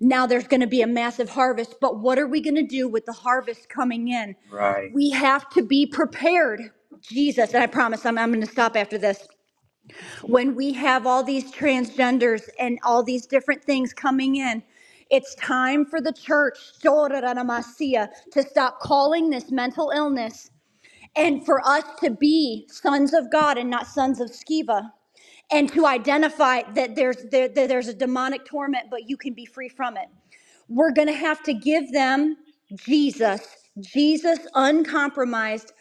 Now there's going to be a massive harvest, but what are we going to do with the harvest coming in?
Right.
We have to be prepared. Jesus, and I promise I'm, I'm going to stop after this when we have all these transgenders and all these different things coming in. It's time for the church soraramasia, to stop calling this mental illness and for us to be sons of God and not sons of Skeva and to identify that there's there, that there's a demonic torment but you can be free from it we're going to have to give them Jesus, Jesus uncompromised,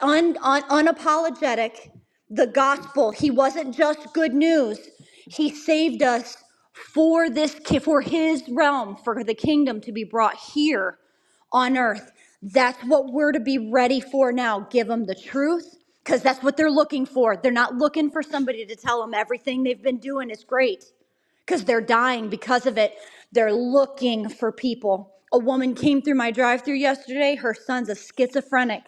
un, un, unapologetic, the gospel. He wasn't just good news. He saved us for this for his realm, for the kingdom to be brought here on earth. That's what we're to be ready for now. Give them the truth because that's what they're looking for. They're not looking for somebody to tell them everything they've been doing is great because they're dying because of it. They're looking for people. A woman came through my drive through yesterday. Her son's a schizophrenic.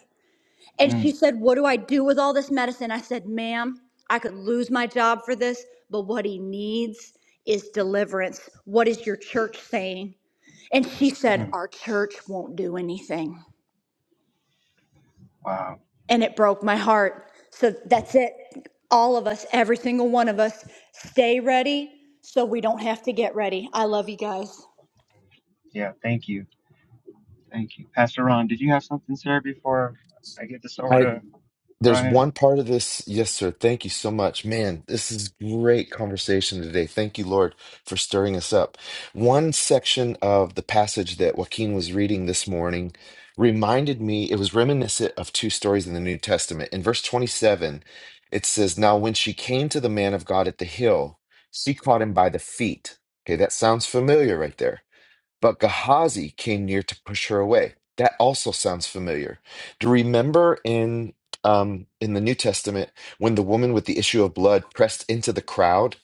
And she
Mm,
said, What do I do with all this medicine? I said, Ma'am, I could lose my job for this, but what he needs is deliverance. What is your church saying? And she
mm.
said, Our church won't do anything.
Wow.
And it broke my heart. So that's it. All of us, every single one of us, stay ready so we don't have to get ready. I love you guys.
Yeah. Thank you. Thank you. Pastor Ron, did you have something, sir, before I get this over to
There's
Ryan?
one part of this. Yes, sir. Thank you so much. Man, this is great conversation today. Thank you, Lord, for stirring us up. One section of the passage that Joaquin was reading this morning reminded me, it was reminiscent of two stories in the New Testament. In verse 27, it says, Now when she came to the man of God at the hill, she caught him by the feet. Okay, that sounds familiar right there. But Gehazi came near to push her away. That also sounds familiar. Do you remember in um, in the New Testament when the woman with the issue of blood pressed into the crowd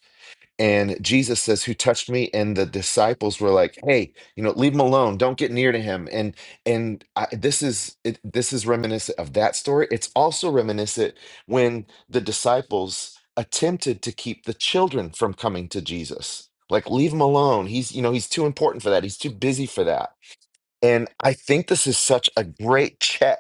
and Jesus says, Who touched me? And the disciples were like, Hey, you know, leave him alone. Don't get near to him. And and I, this is it, this is reminiscent of that story. It's also reminiscent when the disciples attempted to keep the children from coming to Jesus. Like, leave him alone. He's, you know, he's too important for that. He's too busy for that. And I think this is such a great check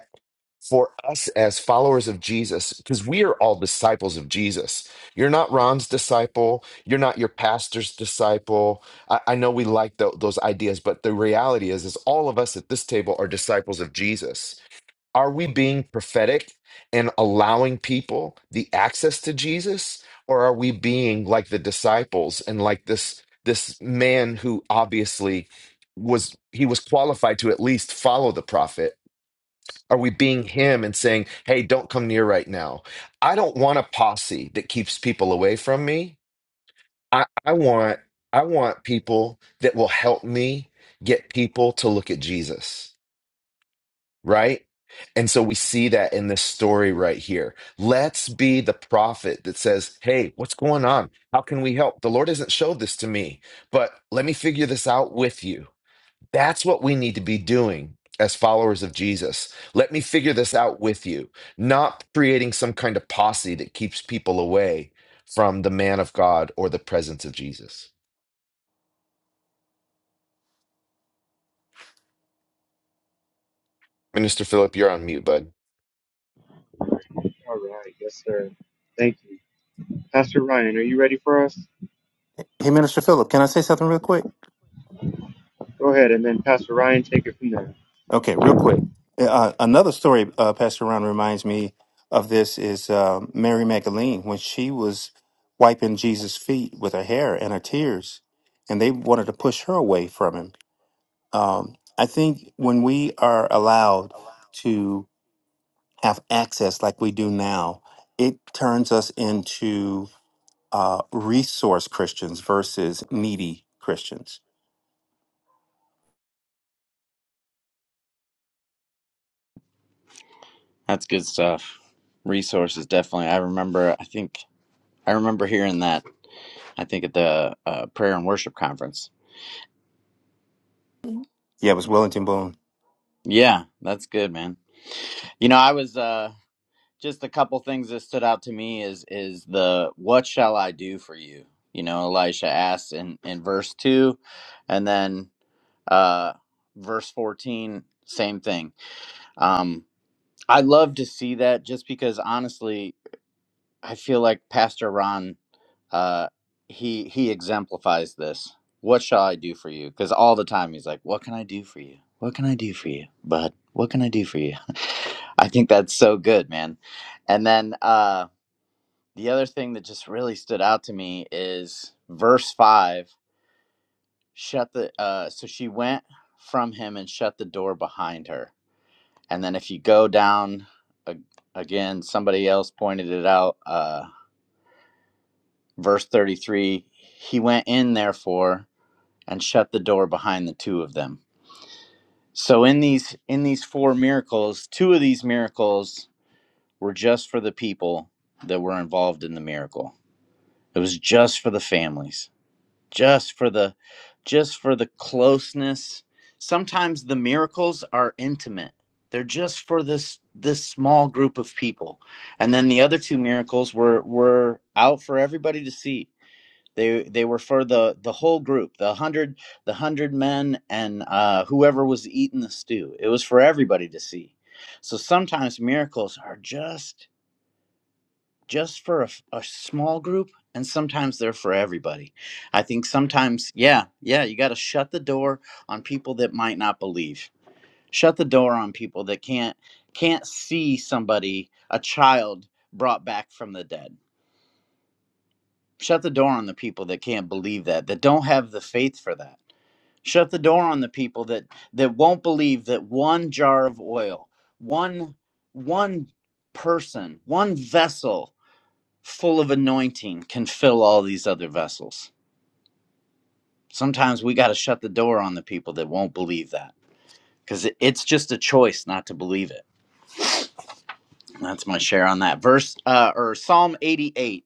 for us as followers of Jesus, because we are all disciples of Jesus. You're not Ron's disciple. You're not your pastor's disciple. I, I know we like tho- those ideas, but the reality is, is all of us at this table are disciples of Jesus. Are we being prophetic and allowing people the access to Jesus, or are we being like the disciples and like this this man who obviously was he was qualified to at least follow the prophet? Are we being him and saying, hey, don't come near right now? I don't want a posse that keeps people away from me. I, I want I want people that will help me get people to look at Jesus, right? And so we see that in this story right here. Let's be the prophet that says, Hey, what's going on? How can we help? The Lord hasn't showed this to me, but let me figure this out with you. That's what we need to be doing as followers of Jesus. Let me figure this out with you, not creating some kind of posse that keeps people away from the man of God or the presence of Jesus. Minister Philip, you're on mute, bud.
All right, yes, sir. Thank you. Pastor Ryan, are you ready for us?
Hey, Minister Philip, can I say something real quick?
Go ahead, and then Pastor Ryan, take it from there.
Okay, real quick. Uh, uh, another story, uh, Pastor Ron reminds me of this is uh, Mary Magdalene when she was wiping Jesus' feet with her hair and her tears, and they wanted to push her away from him. Um, I think when we are allowed to have access like we do now, it turns us into uh, resource Christians versus needy Christians.
That's good stuff. Resources, definitely. I remember, I think, I remember hearing that, I think, at the uh, prayer and worship conference.
Yeah, it was Wellington Boone.
Yeah, that's good, man. You know, I was, uh, just a couple things that stood out to me is is the what shall I do for you? You know, Elisha asks in in verse 2 and then uh verse 14 same thing. Um I love to see that just because honestly I feel like Pastor Ron uh he he exemplifies this. What shall I do for you? Cuz all the time he's like, what can I do for you? What can I do for you? Bud? what can I do for you? *laughs* I think that's so good, man. And then uh the other thing that just really stood out to me is verse five. Shut the uh, so she went from him and shut the door behind her. And then if you go down a- again, somebody else pointed it out. Uh, verse thirty three. He went in therefore and shut the door behind the two of them. So in these in these four miracles, two of these miracles were just for the people that were involved in the miracle. It was just for the families just for the just for the closeness sometimes the miracles are intimate they're just for this this small group of people and then the other two miracles were were out for everybody to see they they were for the the whole group the 100 the 100 men and uh whoever was eating the stew it was for everybody to see so sometimes miracles are just just for a a small group and sometimes they're for everybody i think sometimes yeah yeah you got to shut the door on people that might not believe shut the door on people that can't can't see somebody a child brought back from the dead shut the door on the people that can't believe that that don't have the faith for that shut the door on the people that that won't believe that one jar of oil one one person one vessel full of anointing can fill all these other vessels. Sometimes we got to shut the door on the people that won't believe that because it's just a choice not to believe it. That's my share on that verse uh, or Psalm 88,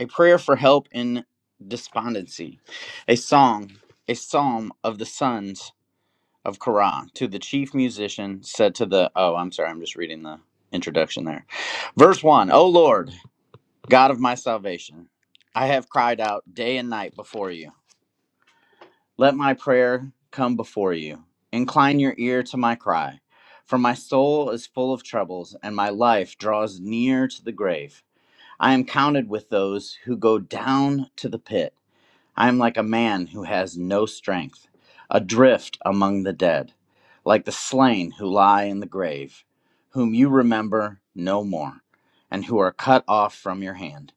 a prayer for help in despondency, a song, a psalm of the sons of Korah to the chief musician said to the oh, I'm sorry, I'm just reading the introduction there. Verse 1, O Lord, God of my salvation, I have cried out day and night before you. Let my prayer come before you. Incline your ear to my cry. For my soul is full of troubles, and my life draws near to the grave. I am counted with those who go down to the pit. I am like a man who has no strength, adrift among the dead, like the slain who lie in the grave, whom you remember no more, and who are cut off from your hand.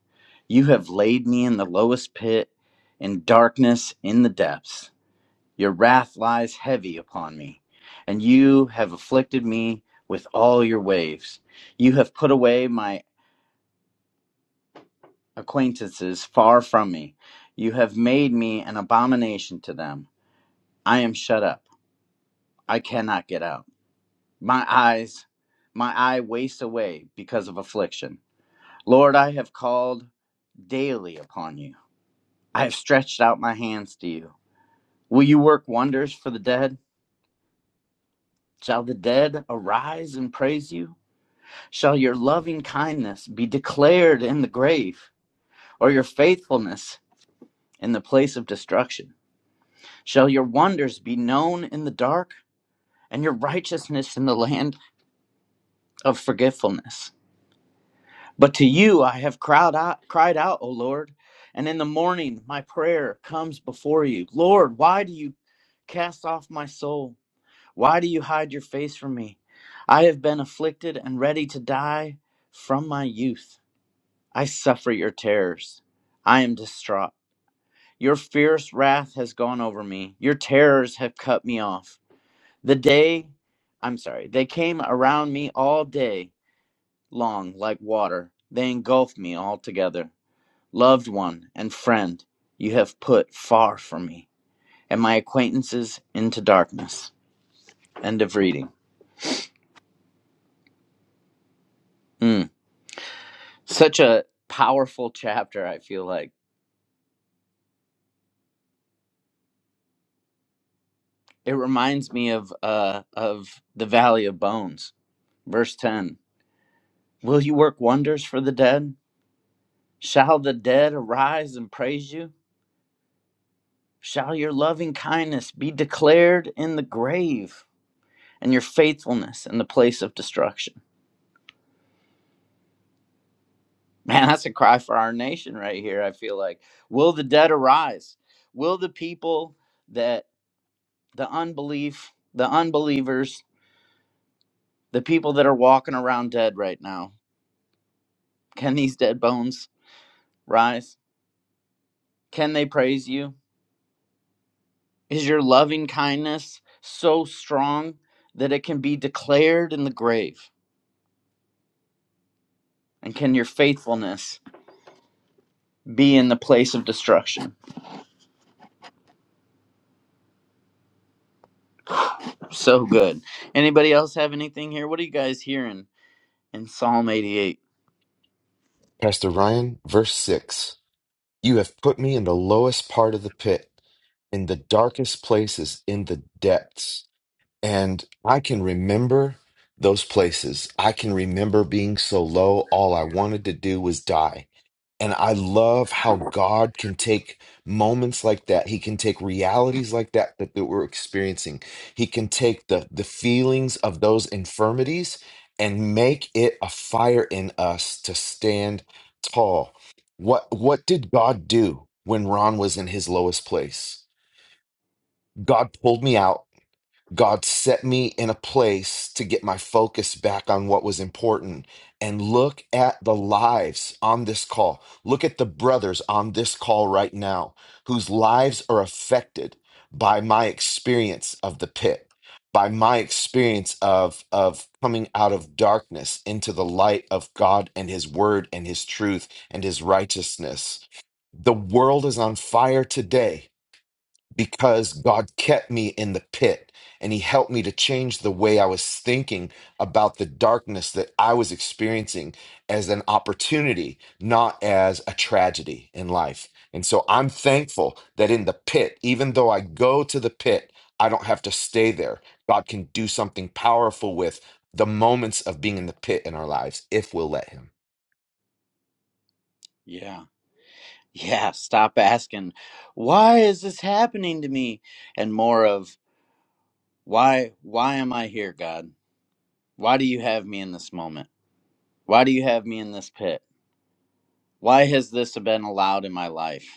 You have laid me in the lowest pit, in darkness, in the depths. Your wrath lies heavy upon me, and you have afflicted me with all your waves. You have put away my acquaintances far from me. You have made me an abomination to them. I am shut up. I cannot get out. My eyes, my eye wastes away because of affliction. Lord, I have called daily upon you. I have stretched out my hands to you. Will you work wonders for the dead? Shall the dead arise and praise you? Shall your loving kindness be declared in the grave, or your faithfulness in the place of destruction? Shall your wonders be known in the dark, and your righteousness in the land of forgetfulness? But to you I have cried out, cried out, O Lord, and in the morning my prayer comes before you. Lord, why do you cast off my soul? Why do you hide your face from me? I have been afflicted and ready to die from my youth. I suffer your terrors. I am distraught. Your fierce wrath has gone over me. Your terrors have cut me off. The day, I'm sorry, they came around me all day long like water. They engulfed me altogether. Loved one and friend, you have put far from me, and my acquaintances into darkness. End of reading. Mm. Such a powerful chapter, I feel like. It reminds me of uh of the Valley of Bones, verse 10 Will you work wonders for the dead? Shall the dead arise and praise you? Shall your loving kindness be declared in the grave and your faithfulness in the place of destruction? Man, that's a cry for our nation right here, I feel like. Will the dead arise? Will the people that the unbelief, the unbelievers, the people that are walking around dead right now, can these dead bones rise? Can they praise you? Is your loving kindness so strong that it can be declared in the grave? And can your faithfulness be in the place of destruction? So good. Anybody else have anything here? What are you guys hearing in Psalm 88?
Pastor Ryan, verse 6 You have put me in the lowest part of the pit, in the darkest places, in the depths. And I can remember those places. I can remember being so low, all I wanted to do was die. And I love how God can take moments like that. He can take realities like that, that that we're experiencing. He can take the the feelings of those infirmities and make it a fire in us to stand tall. What what did God do when Ron was in his lowest place? God pulled me out God set me in a place to get my focus back on what was important. And look at the lives on this call. Look at the brothers on this call right now whose lives are affected by my experience of the pit, by my experience of, of coming out of darkness into the light of God and His Word and His truth and His righteousness. The world is on fire today because God kept me in the pit and He helped me to change the way I was thinking about the darkness that I was experiencing as an opportunity, not as a tragedy in life. And so I'm thankful that in the pit, even though I go to the pit, I don't have to stay there. God can do something powerful with the moments of being in the pit in our lives if we'll let Him.
Yeah. Yeah. Stop asking, why is this happening to me? And more of, why, why am I here, God? Why do you have me in this moment? Why do you have me in this pit? Why has this been allowed in my life?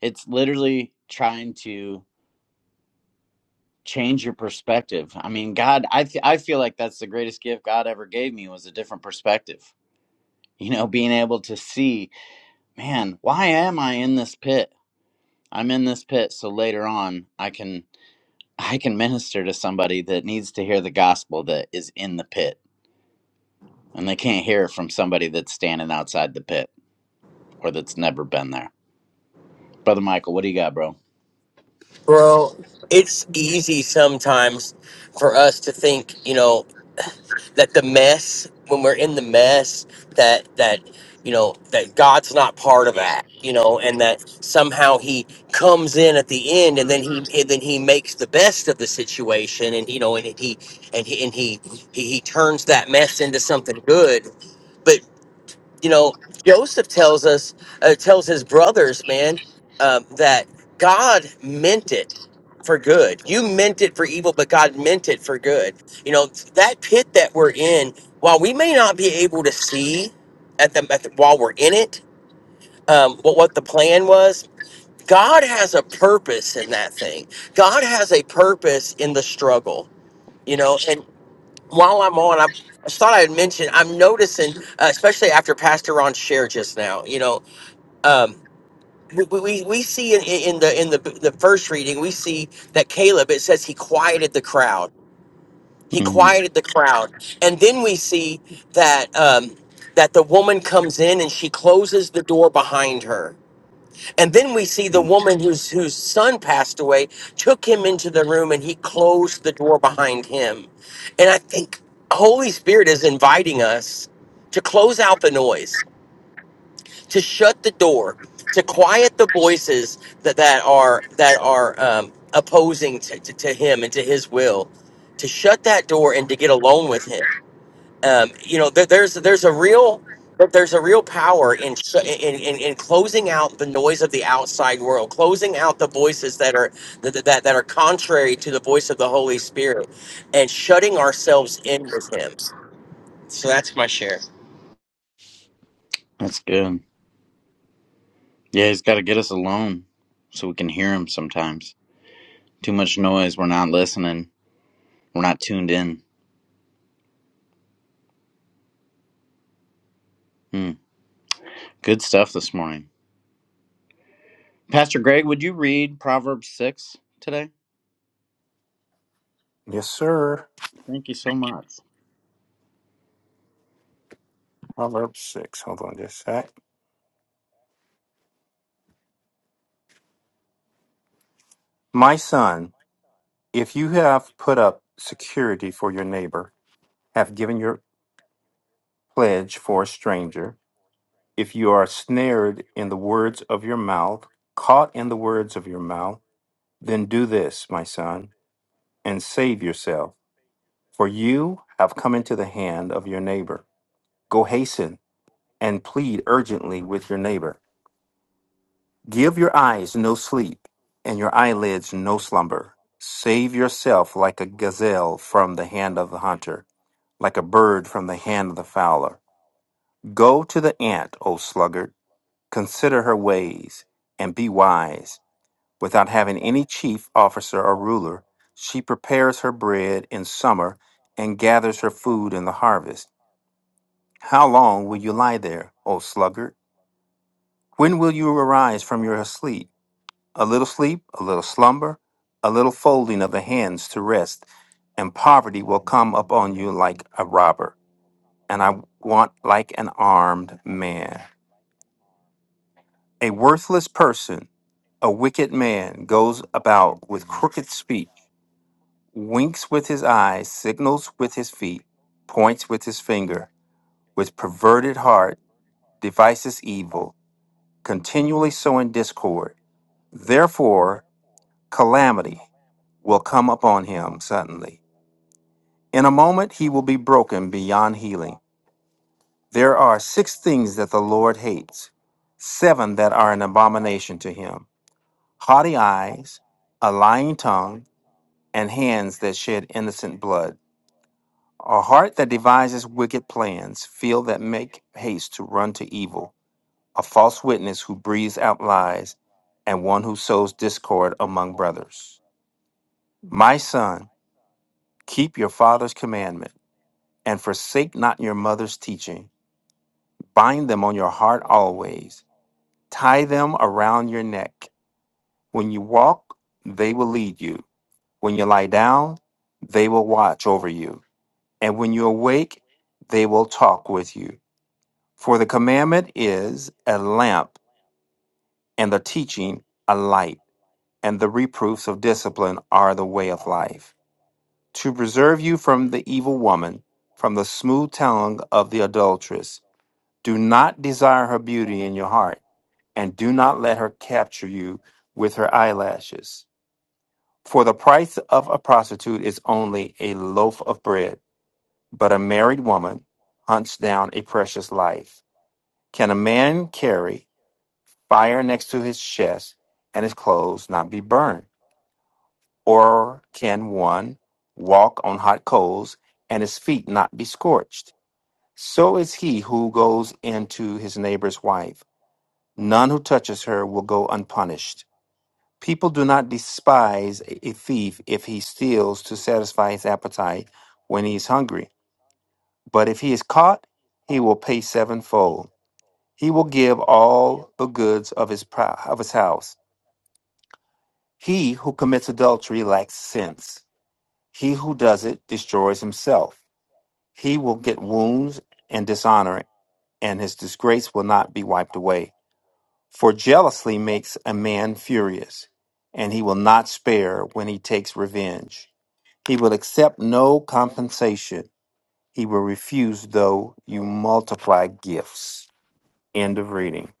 it's literally trying to change your perspective i mean god I th- I feel like that's the greatest gift god ever gave me was a different perspective you know being able to see man why am i in this pit i'm in this pit so later on i can i can minister to somebody that needs to hear the gospel that is in the pit and they can't hear it from somebody that's standing outside the pit or that's never been there brother michael what do you got bro
Bro, it's easy sometimes for us to think, you know, that the mess, when we're in the mess, that, that, you know, that God's not part of that, you know, and that somehow he comes in at the end and then he, and then he makes the best of the situation and, you know, and he, and he, and he, he, he turns that mess into something good you know, Joseph tells us, uh, tells his brothers, man, um, that God meant it for good. You meant it for evil, but God meant it for good. You know, that pit that we're in, while we may not be able to see at the, at the while we're in it, um, what, what the plan was, God has a purpose in that thing. God has a purpose in the struggle, you know, and while I'm on, I I thought I'd mention I'm noticing, uh, especially after Pastor Ron shared just now. You know, um, we, we we see in, in the in the the first reading we see that Caleb. It says he quieted the crowd. He
hmm
quieted the crowd, and then we see that um, that the woman comes in and she closes the door behind her and then we see the woman whose whose son passed away took him into the room and he closed the door behind him. And I think Holy Spirit is inviting us to close out the noise, to shut the door, to quiet the voices that, that are that are um, opposing to, to, to him and to his will, to shut that door and to get alone with him um, you know, there, there's there's a real that there's a real power in, sh- in in in closing out the noise of the outside world, closing out the voices that are that, that that are contrary to the voice of the Holy Spirit, and shutting ourselves in with Him. So that's my share.
that's good Yeah, he's got to get us alone so we can hear him sometimes. Too much noise. We're not listening. We're not tuned in. Hmm. Good stuff this morning. Pastor Greg, would you read Proverbs 6 today?
Yes, sir.
Thank you so much.
Proverbs 6. Hold on just a sec. My son, if you have put up security for your neighbor, have given your pledge for a stranger, if you are snared in the words of your mouth, caught in the words of your mouth, then do this, my son, and save yourself. For you have come into the hand of your neighbor. Go hasten and plead urgently with your neighbor. Give your eyes no sleep, and your eyelids no slumber. Save yourself like a gazelle from the hand of the hunter, like a bird from the hand of the fowler. Go to the ant, O sluggard, consider her ways, and be wise. Without having any chief, officer, or ruler, she prepares her bread in summer and gathers her food in the harvest. How long will you lie there, O sluggard? When will you arise from your sleep? a little sleep, a little slumber, a little folding of the hands to rest, and poverty will come upon you like a robber, and I want like an armed man. A worthless person, a wicked man, goes about with crooked speech, winks with his eyes, signals with his feet, points with his finger, with perverted heart, devices evil, continually sowing discord. Therefore, calamity will come upon him suddenly In a moment he will be broken beyond healing. There are six things that the Lord hates, seven that are an abomination to him haughty eyes, a lying tongue, and hands that shed innocent blood, a heart that devises wicked plans, feet that make haste to run to evil, a false witness who breathes out lies, and one who sows discord among brothers. My son, keep your father's commandment, and forsake not your mother's teaching Bind them on your heart always. Tie them around your neck. When you walk, they will lead you. When you lie down, they will watch over you. And when you awake, they will talk with you. For the commandment is a lamp, and the teaching a light, and the reproofs of discipline are the way of life. To preserve you from the evil woman, from the smooth tongue of the adulteress, do not desire her beauty in your heart and do not let her capture you with her eyelashes. For the price of a prostitute is only a loaf of bread, but a married woman hunts down a precious life. Can a man carry fire next to his chest and his clothes not be burned? Or can one walk on hot coals and his feet not be scorched? So is he who goes into his neighbor's wife. None who touches her will go unpunished. People do not despise a thief if he steals to satisfy his appetite when he is hungry. But if he is caught, he will pay sevenfold. He will give all the goods of his pro- of his house. He who commits adultery lacks sense. He who does it destroys himself. He will get wounds and dishonor, and his disgrace will not be wiped away. For jealousy makes a man furious, and he will not spare when he takes revenge. He will accept no compensation. He will refuse, though you multiply gifts. End of reading.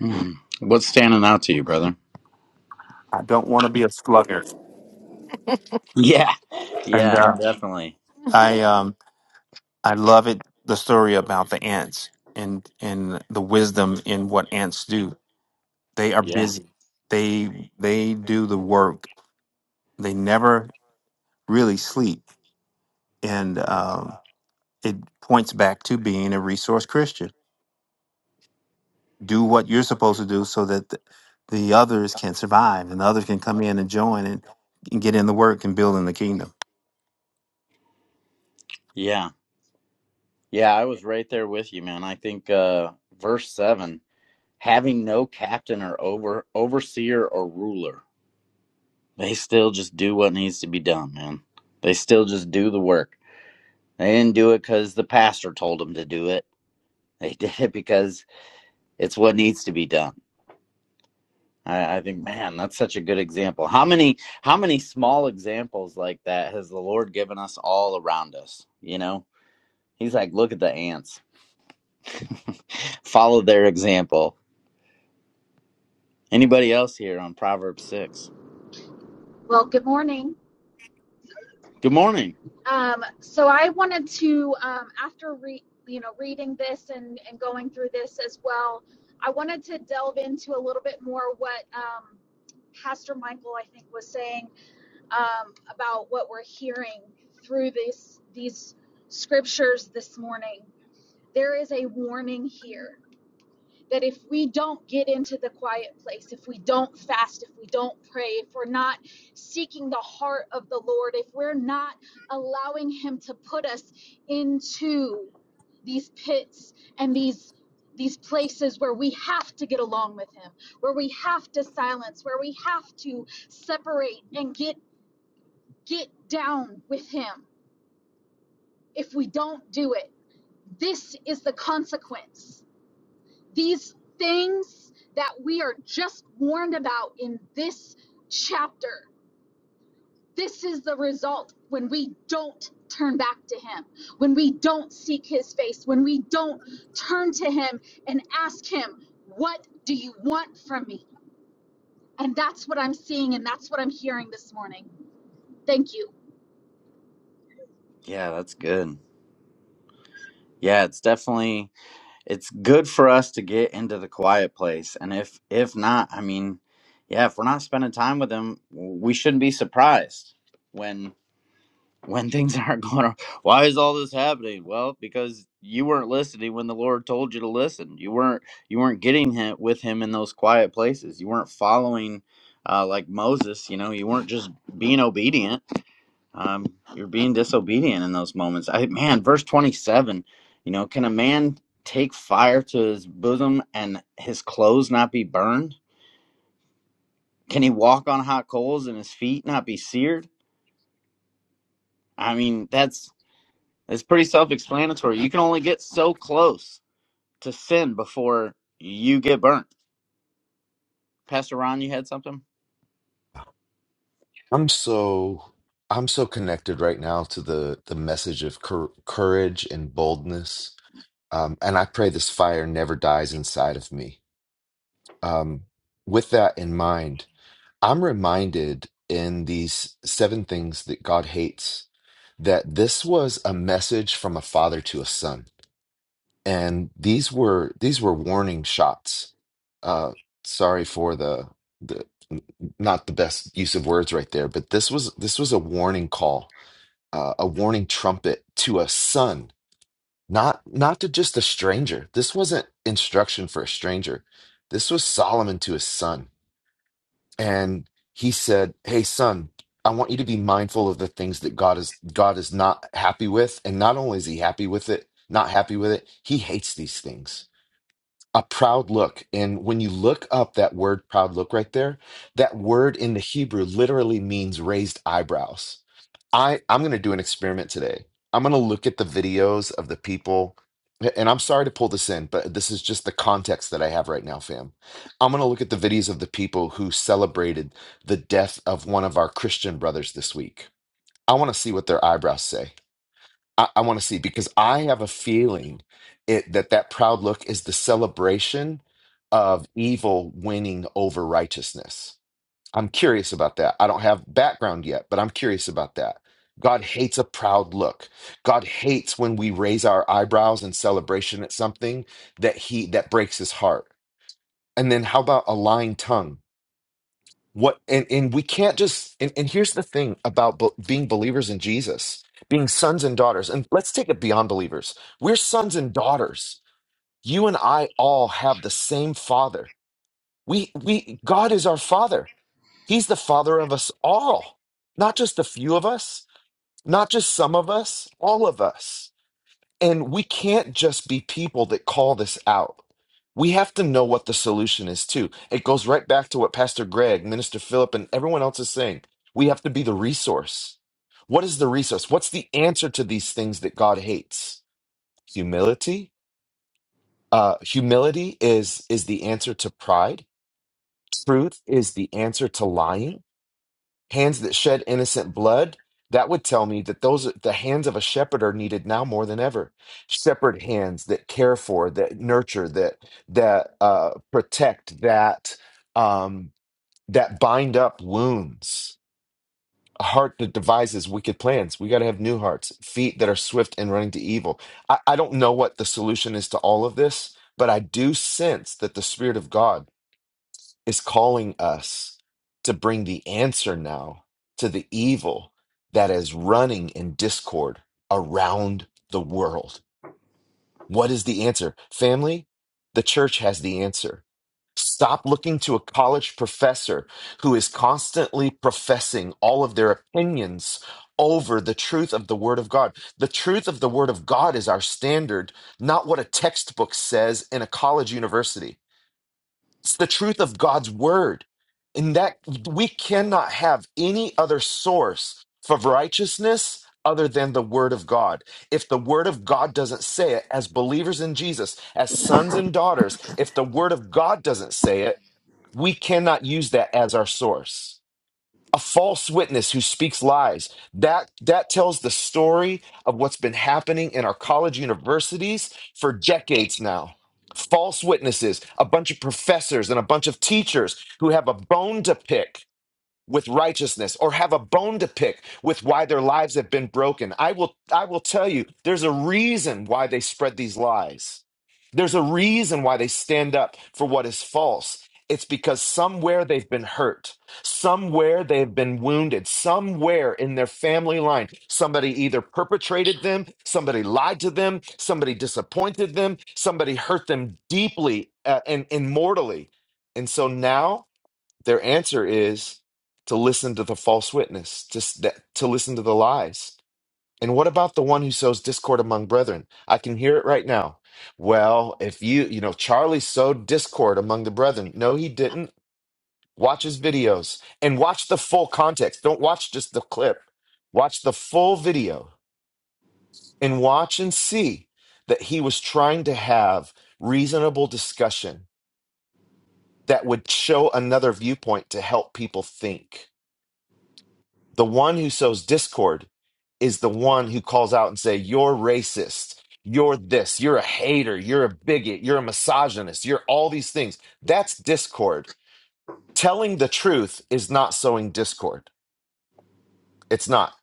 Hmm. What's standing out to you, brother? *laughs*
I don't want to be a sluggard,
Yeah.
and
Yeah,
uh,
definitely.
*laughs* I um I love it. The story about the ants and and the wisdom in what ants do. They are
Yeah.
busy. They they do the work. They never really sleep, and um, it points back to being a resource Christian do what you're supposed to do so that the, the others can survive and the others can come in and join and, and get in the work and build in the kingdom.
Yeah. Yeah, I was right there with you, man. I think uh verse 7, having no captain or over overseer or ruler. They still just do what needs to be done, man. They still just do the work. They didn't do it because the pastor told them to do it. *laughs* They did it because it's what needs to be done. I, I think, man, that's such a good example. How many, how many small examples like that has the Lord given us all around us? You know, He's like, look at the ants, *laughs* follow their example. Anybody else here on Proverbs six?
Well, good morning.
Good morning.
Um, so I wanted to, um, after re- you know reading this and, and going through this as well, I wanted to delve into a little bit more what um, Pastor Michael I think was saying um, about what we're hearing through this these scriptures this morning. There is a warning here that if we don't get into the quiet place, if we don't fast, if we don't pray, if we're not seeking the heart of the Lord, if we're not allowing Him to put us into these pits and these these places where we have to get along with him where we have to silence where we have to separate and get get down with him if we don't do it this is the consequence these things that we are just warned about in this chapter. This is the result when we don't turn back to Him, when we don't seek His face, when we don't turn to Him and ask Him, What do you want from me? And that's what I'm seeing and that's what I'm hearing this morning. Thank you.
Yeah, that's good. Yeah, it's definitely it's good for us to get into the quiet place and if if not i mean yeah if we're not spending time with him we shouldn't be surprised when when things *laughs* aren't going on why is all this happening well because you weren't listening when the lord told you to listen you weren't you weren't getting him with him in those quiet places you weren't following uh, like moses you know you weren't just being obedient um, you're being disobedient in those moments. I man, verse 27, you know, can a man take fire to his bosom and his clothes not be burned? Can he walk on hot coals and his feet not be seared? I mean, that's it's pretty self-explanatory. You can only get so close to sin before you get burnt. Pastor Ron, you had something?
I'm so I'm so connected right now to the the message of cour- courage and boldness Um, and I pray this fire never dies inside of me. Um, with that in mind, I'm reminded in these seven things that God hates that this was a message from a father to a son, and these were these were warning shots. Uh, sorry for the the not the best use of words right there, but this was this was a warning call, uh, a warning trumpet to a son not not to just a stranger. This wasn't instruction for a stranger. This was Solomon to his son. And he said, "Hey son, I want you to be mindful of the things that God is God is not happy with, and not only is he happy with it, not happy with it, he hates these things." A proud look. And when you look up that word proud look right there, that word in the Hebrew literally means raised eyebrows I I'm going to do an experiment today. I'm going to look at the videos of the people a- and I'm sorry to pull this in, but this is just the context that I have right now, fam. I'm going to look at the videos of the people who celebrated the death of one of our Christian brothers this week. I want to see what their eyebrows say. I, I want to see because I have a feeling it that that proud look is the celebration of evil winning over righteousness I'm curious about that. I don't have background yet, but I'm curious about that. God hates a proud look. God hates when we raise our eyebrows in celebration at something that he that breaks his heart. And then how about a lying tongue? What and and we can't just and, and here's the thing about be- being believers in Jesus, being sons and daughters. And let's take it beyond believers. We're sons and daughters. You and I all have the same father. We we God is our father He's the Father of us all, not just a few of us, not just some of us, all of us. And we can't just be people that call this out. We have to know what the solution is, too. It goes right back to what Pastor Greg, Minister Philip, and everyone else is saying. We have to be the resource. What is the resource? What's the answer to these things that God hates? Humility. Uh, humility is is the answer to pride. Truth is the answer to lying hands that shed innocent blood, that would tell me that those the hands of a shepherd are needed now more than ever. Shepherd hands that care for, that nurture, that that uh, protect, that um, that bind up wounds. A heart that devises wicked plans. We got to have new hearts, feet that are swift and running to evil. I, I don't know what the solution is to all of this, but I do sense that the Spirit of God is calling us to bring the answer now to the evil that is running in discord around the world. What is the answer? Family, the church has the answer. Stop looking to a college professor who is constantly professing all of their opinions over the truth of the Word of God. The truth of the Word of God is our standard, not what a textbook says in a college university. It's the truth of God's word. And that we cannot have any other source for righteousness other than the word of God. If the word of God doesn't say it, as believers in Jesus, as sons and daughters, if the word of God doesn't say it, we cannot use that as our source a false witness who speaks lies that that tells the story of what's been happening in our college universities for decades now false witnesses a bunch of professors and a bunch of teachers who have a bone to pick with righteousness or have a bone to pick with why their lives have been broken. I will I will tell you there's a reason why they spread these lies. There's a reason why they stand up for what is false. It's because somewhere they've been hurt, somewhere they've been wounded, somewhere in their family line, somebody either perpetrated them, somebody lied to them, somebody disappointed them, somebody hurt them deeply uh, and, and mortally. And so now their answer is to listen to the false witness, to, that- to listen to the lies. And what about the one who sows discord among brethren? I can hear it right now. Well, if you, you know, Charlie sowed discord among the brethren. No, he didn't. Watch his videos and watch the full context. Don't watch just the clip. Watch the full video and watch and see that he was trying to have reasonable discussion that would show another viewpoint to help people think. The one who sows discord is the one who calls out and say, "You're racist. You're this. You're a hater. You're a bigot. You're a misogynist. You're all these things." That's discord. Telling the truth is not sowing discord. It's not.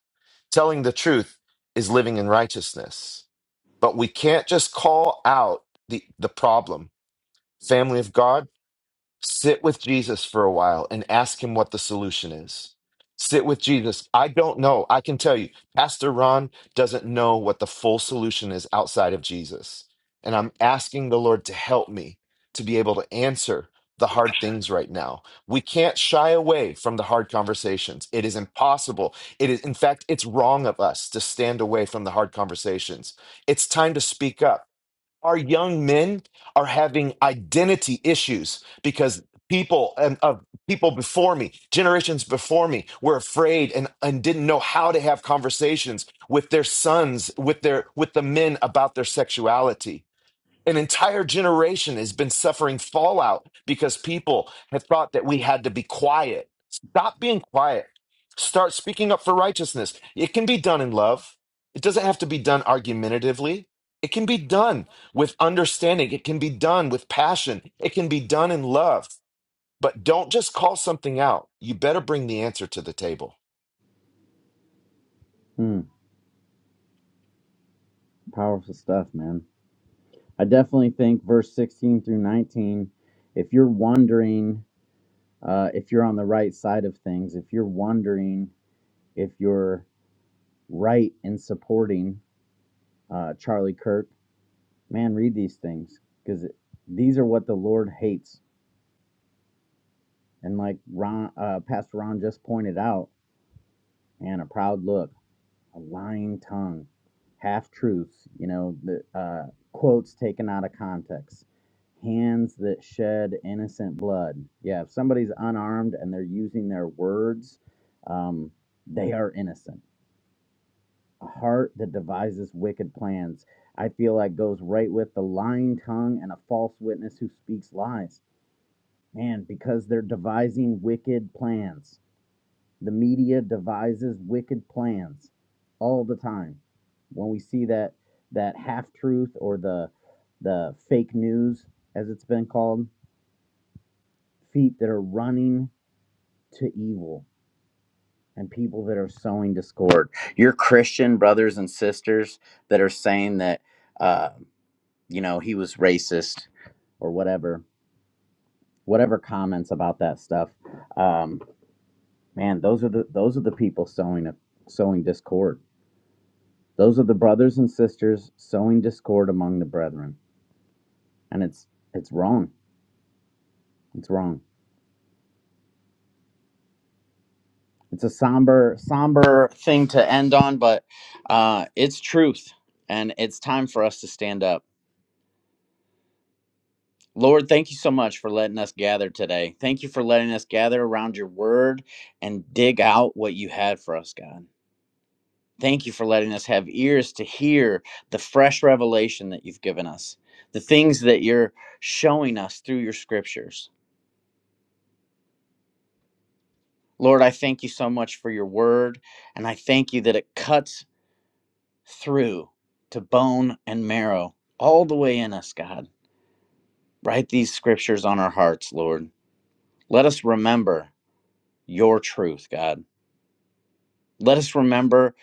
Telling the truth is living in righteousness. But we can't just call out the the problem. Family of God, Sit with Jesus for a while and ask him what the solution is. Sit with Jesus. I don't know. I can tell you, Pastor Ron doesn't know what the full solution is outside of Jesus. And I'm asking the Lord to help me to be able to answer the hard things right now. We can't shy away from the hard conversations. It is impossible. It is, in fact, it's wrong of us to stand away from the hard conversations. It's time to speak up our young men are having identity issues because people and of people before me generations before me were afraid and, and didn't know how to have conversations with their sons with their with the men about their sexuality an entire generation has been suffering fallout because people have thought that we had to be quiet. Stop being quiet. Start speaking up for righteousness. It can be done in love. It doesn't have to be done argumentatively. It can be done with understanding. It can be done with passion. It can be done in love. But don't just call something out. You better bring the answer to the table.
Hmm, powerful stuff, man. I definitely think verse 16 through 19, if you're wondering uh, if you're on the right side of things, if you're wondering if you're right in supporting uh, Charlie Kirk, man, read these things because these are what the Lord hates. And like Ron, uh, Pastor Ron just pointed out, man, a proud look, a lying tongue, half truths, you know, the uh, quotes taken out of context, hands that shed innocent blood. Yeah, if somebody's unarmed and they're using their words, um, they are innocent a heart that devises wicked plans. I feel like goes right with the lying tongue and a false witness who speaks lies. Man, because they're devising wicked plans. The media devises wicked plans all the time. When we see that that half truth or the the fake news, as it's been called, feet that are running to evil and people that are sowing discord. Your Christian brothers and sisters that are saying that. uh, you know he was racist or whatever whatever comments about that stuff um man those are the those are the people sowing a, sowing discord those are the brothers and sisters sowing discord among the brethren and it's it's wrong it's wrong it's a somber somber thing to end on but uh it's truth and it's time for us to stand up lord thank you so much for letting us gather today thank you for letting us gather around your word and dig out what you had for us god Thank you for letting us have ears to hear the fresh revelation that you've given us, the things that you're showing us through your scriptures. Lord, I thank you so much for your word, and I thank you that it cuts through to bone and marrow all the way in us, God. Write these scriptures on our hearts, Lord. Let us remember your truth, God. Let us remember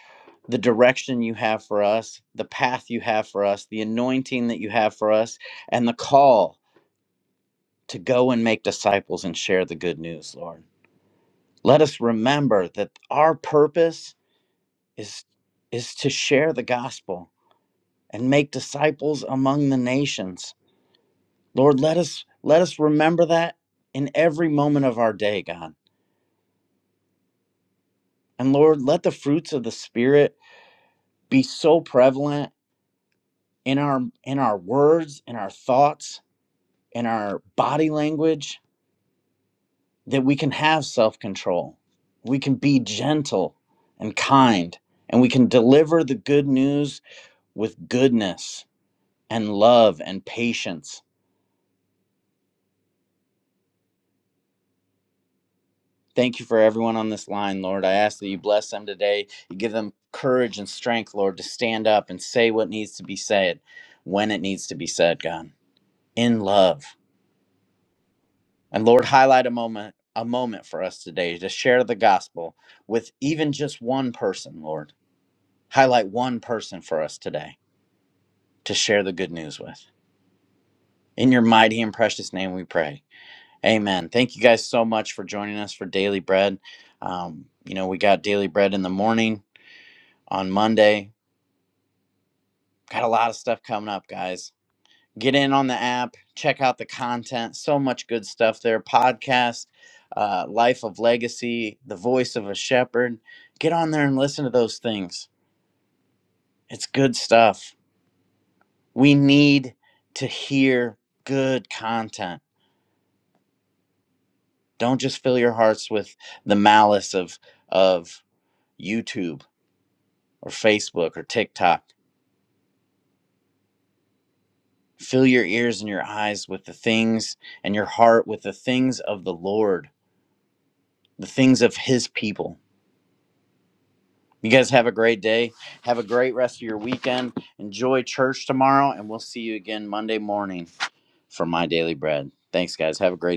the direction you have for us, the path you have for us, the anointing that you have for us, and the call to go and make disciples and share the good news, Lord. Let us remember that our purpose is is to share the gospel and make disciples among the nations. Lord, let us let us remember that in every moment of our day, God. And Lord, let the fruits of the spirit be so prevalent in our in our words, in our thoughts, in our body language, that we can have self control. We can be gentle and kind, and we can deliver the good news with goodness and love and patience. Thank you for everyone on this line, Lord. I ask that you bless them today. You give them courage and strength, Lord, to stand up and say what needs to be said when it needs to be said, God, in love. And Lord, highlight a moment a moment for us today to share the gospel with even just one person, Lord. Highlight one person for us today. to share the good news with. In your mighty and precious name we pray. Amen. Thank you guys so much for joining us for Daily Bread. Um, you know, we got Daily Bread in the morning on Monday. Got a lot of stuff coming up, guys. Get in on the app, check out the content. So much good stuff there. Podcast, uh, Life of Legacy, The Voice of a Shepherd. Get on there and listen to those things. It's good stuff. We need to hear good content Don't just fill your hearts with the malice of of YouTube or Facebook or TikTok. Fill your ears and your eyes with the things and your heart with the things of the Lord, the things of his people. You guys have a great day. Have a great rest of your weekend. Enjoy church tomorrow and we'll see you again Monday morning for my daily bread. Thanks guys. Have a great day.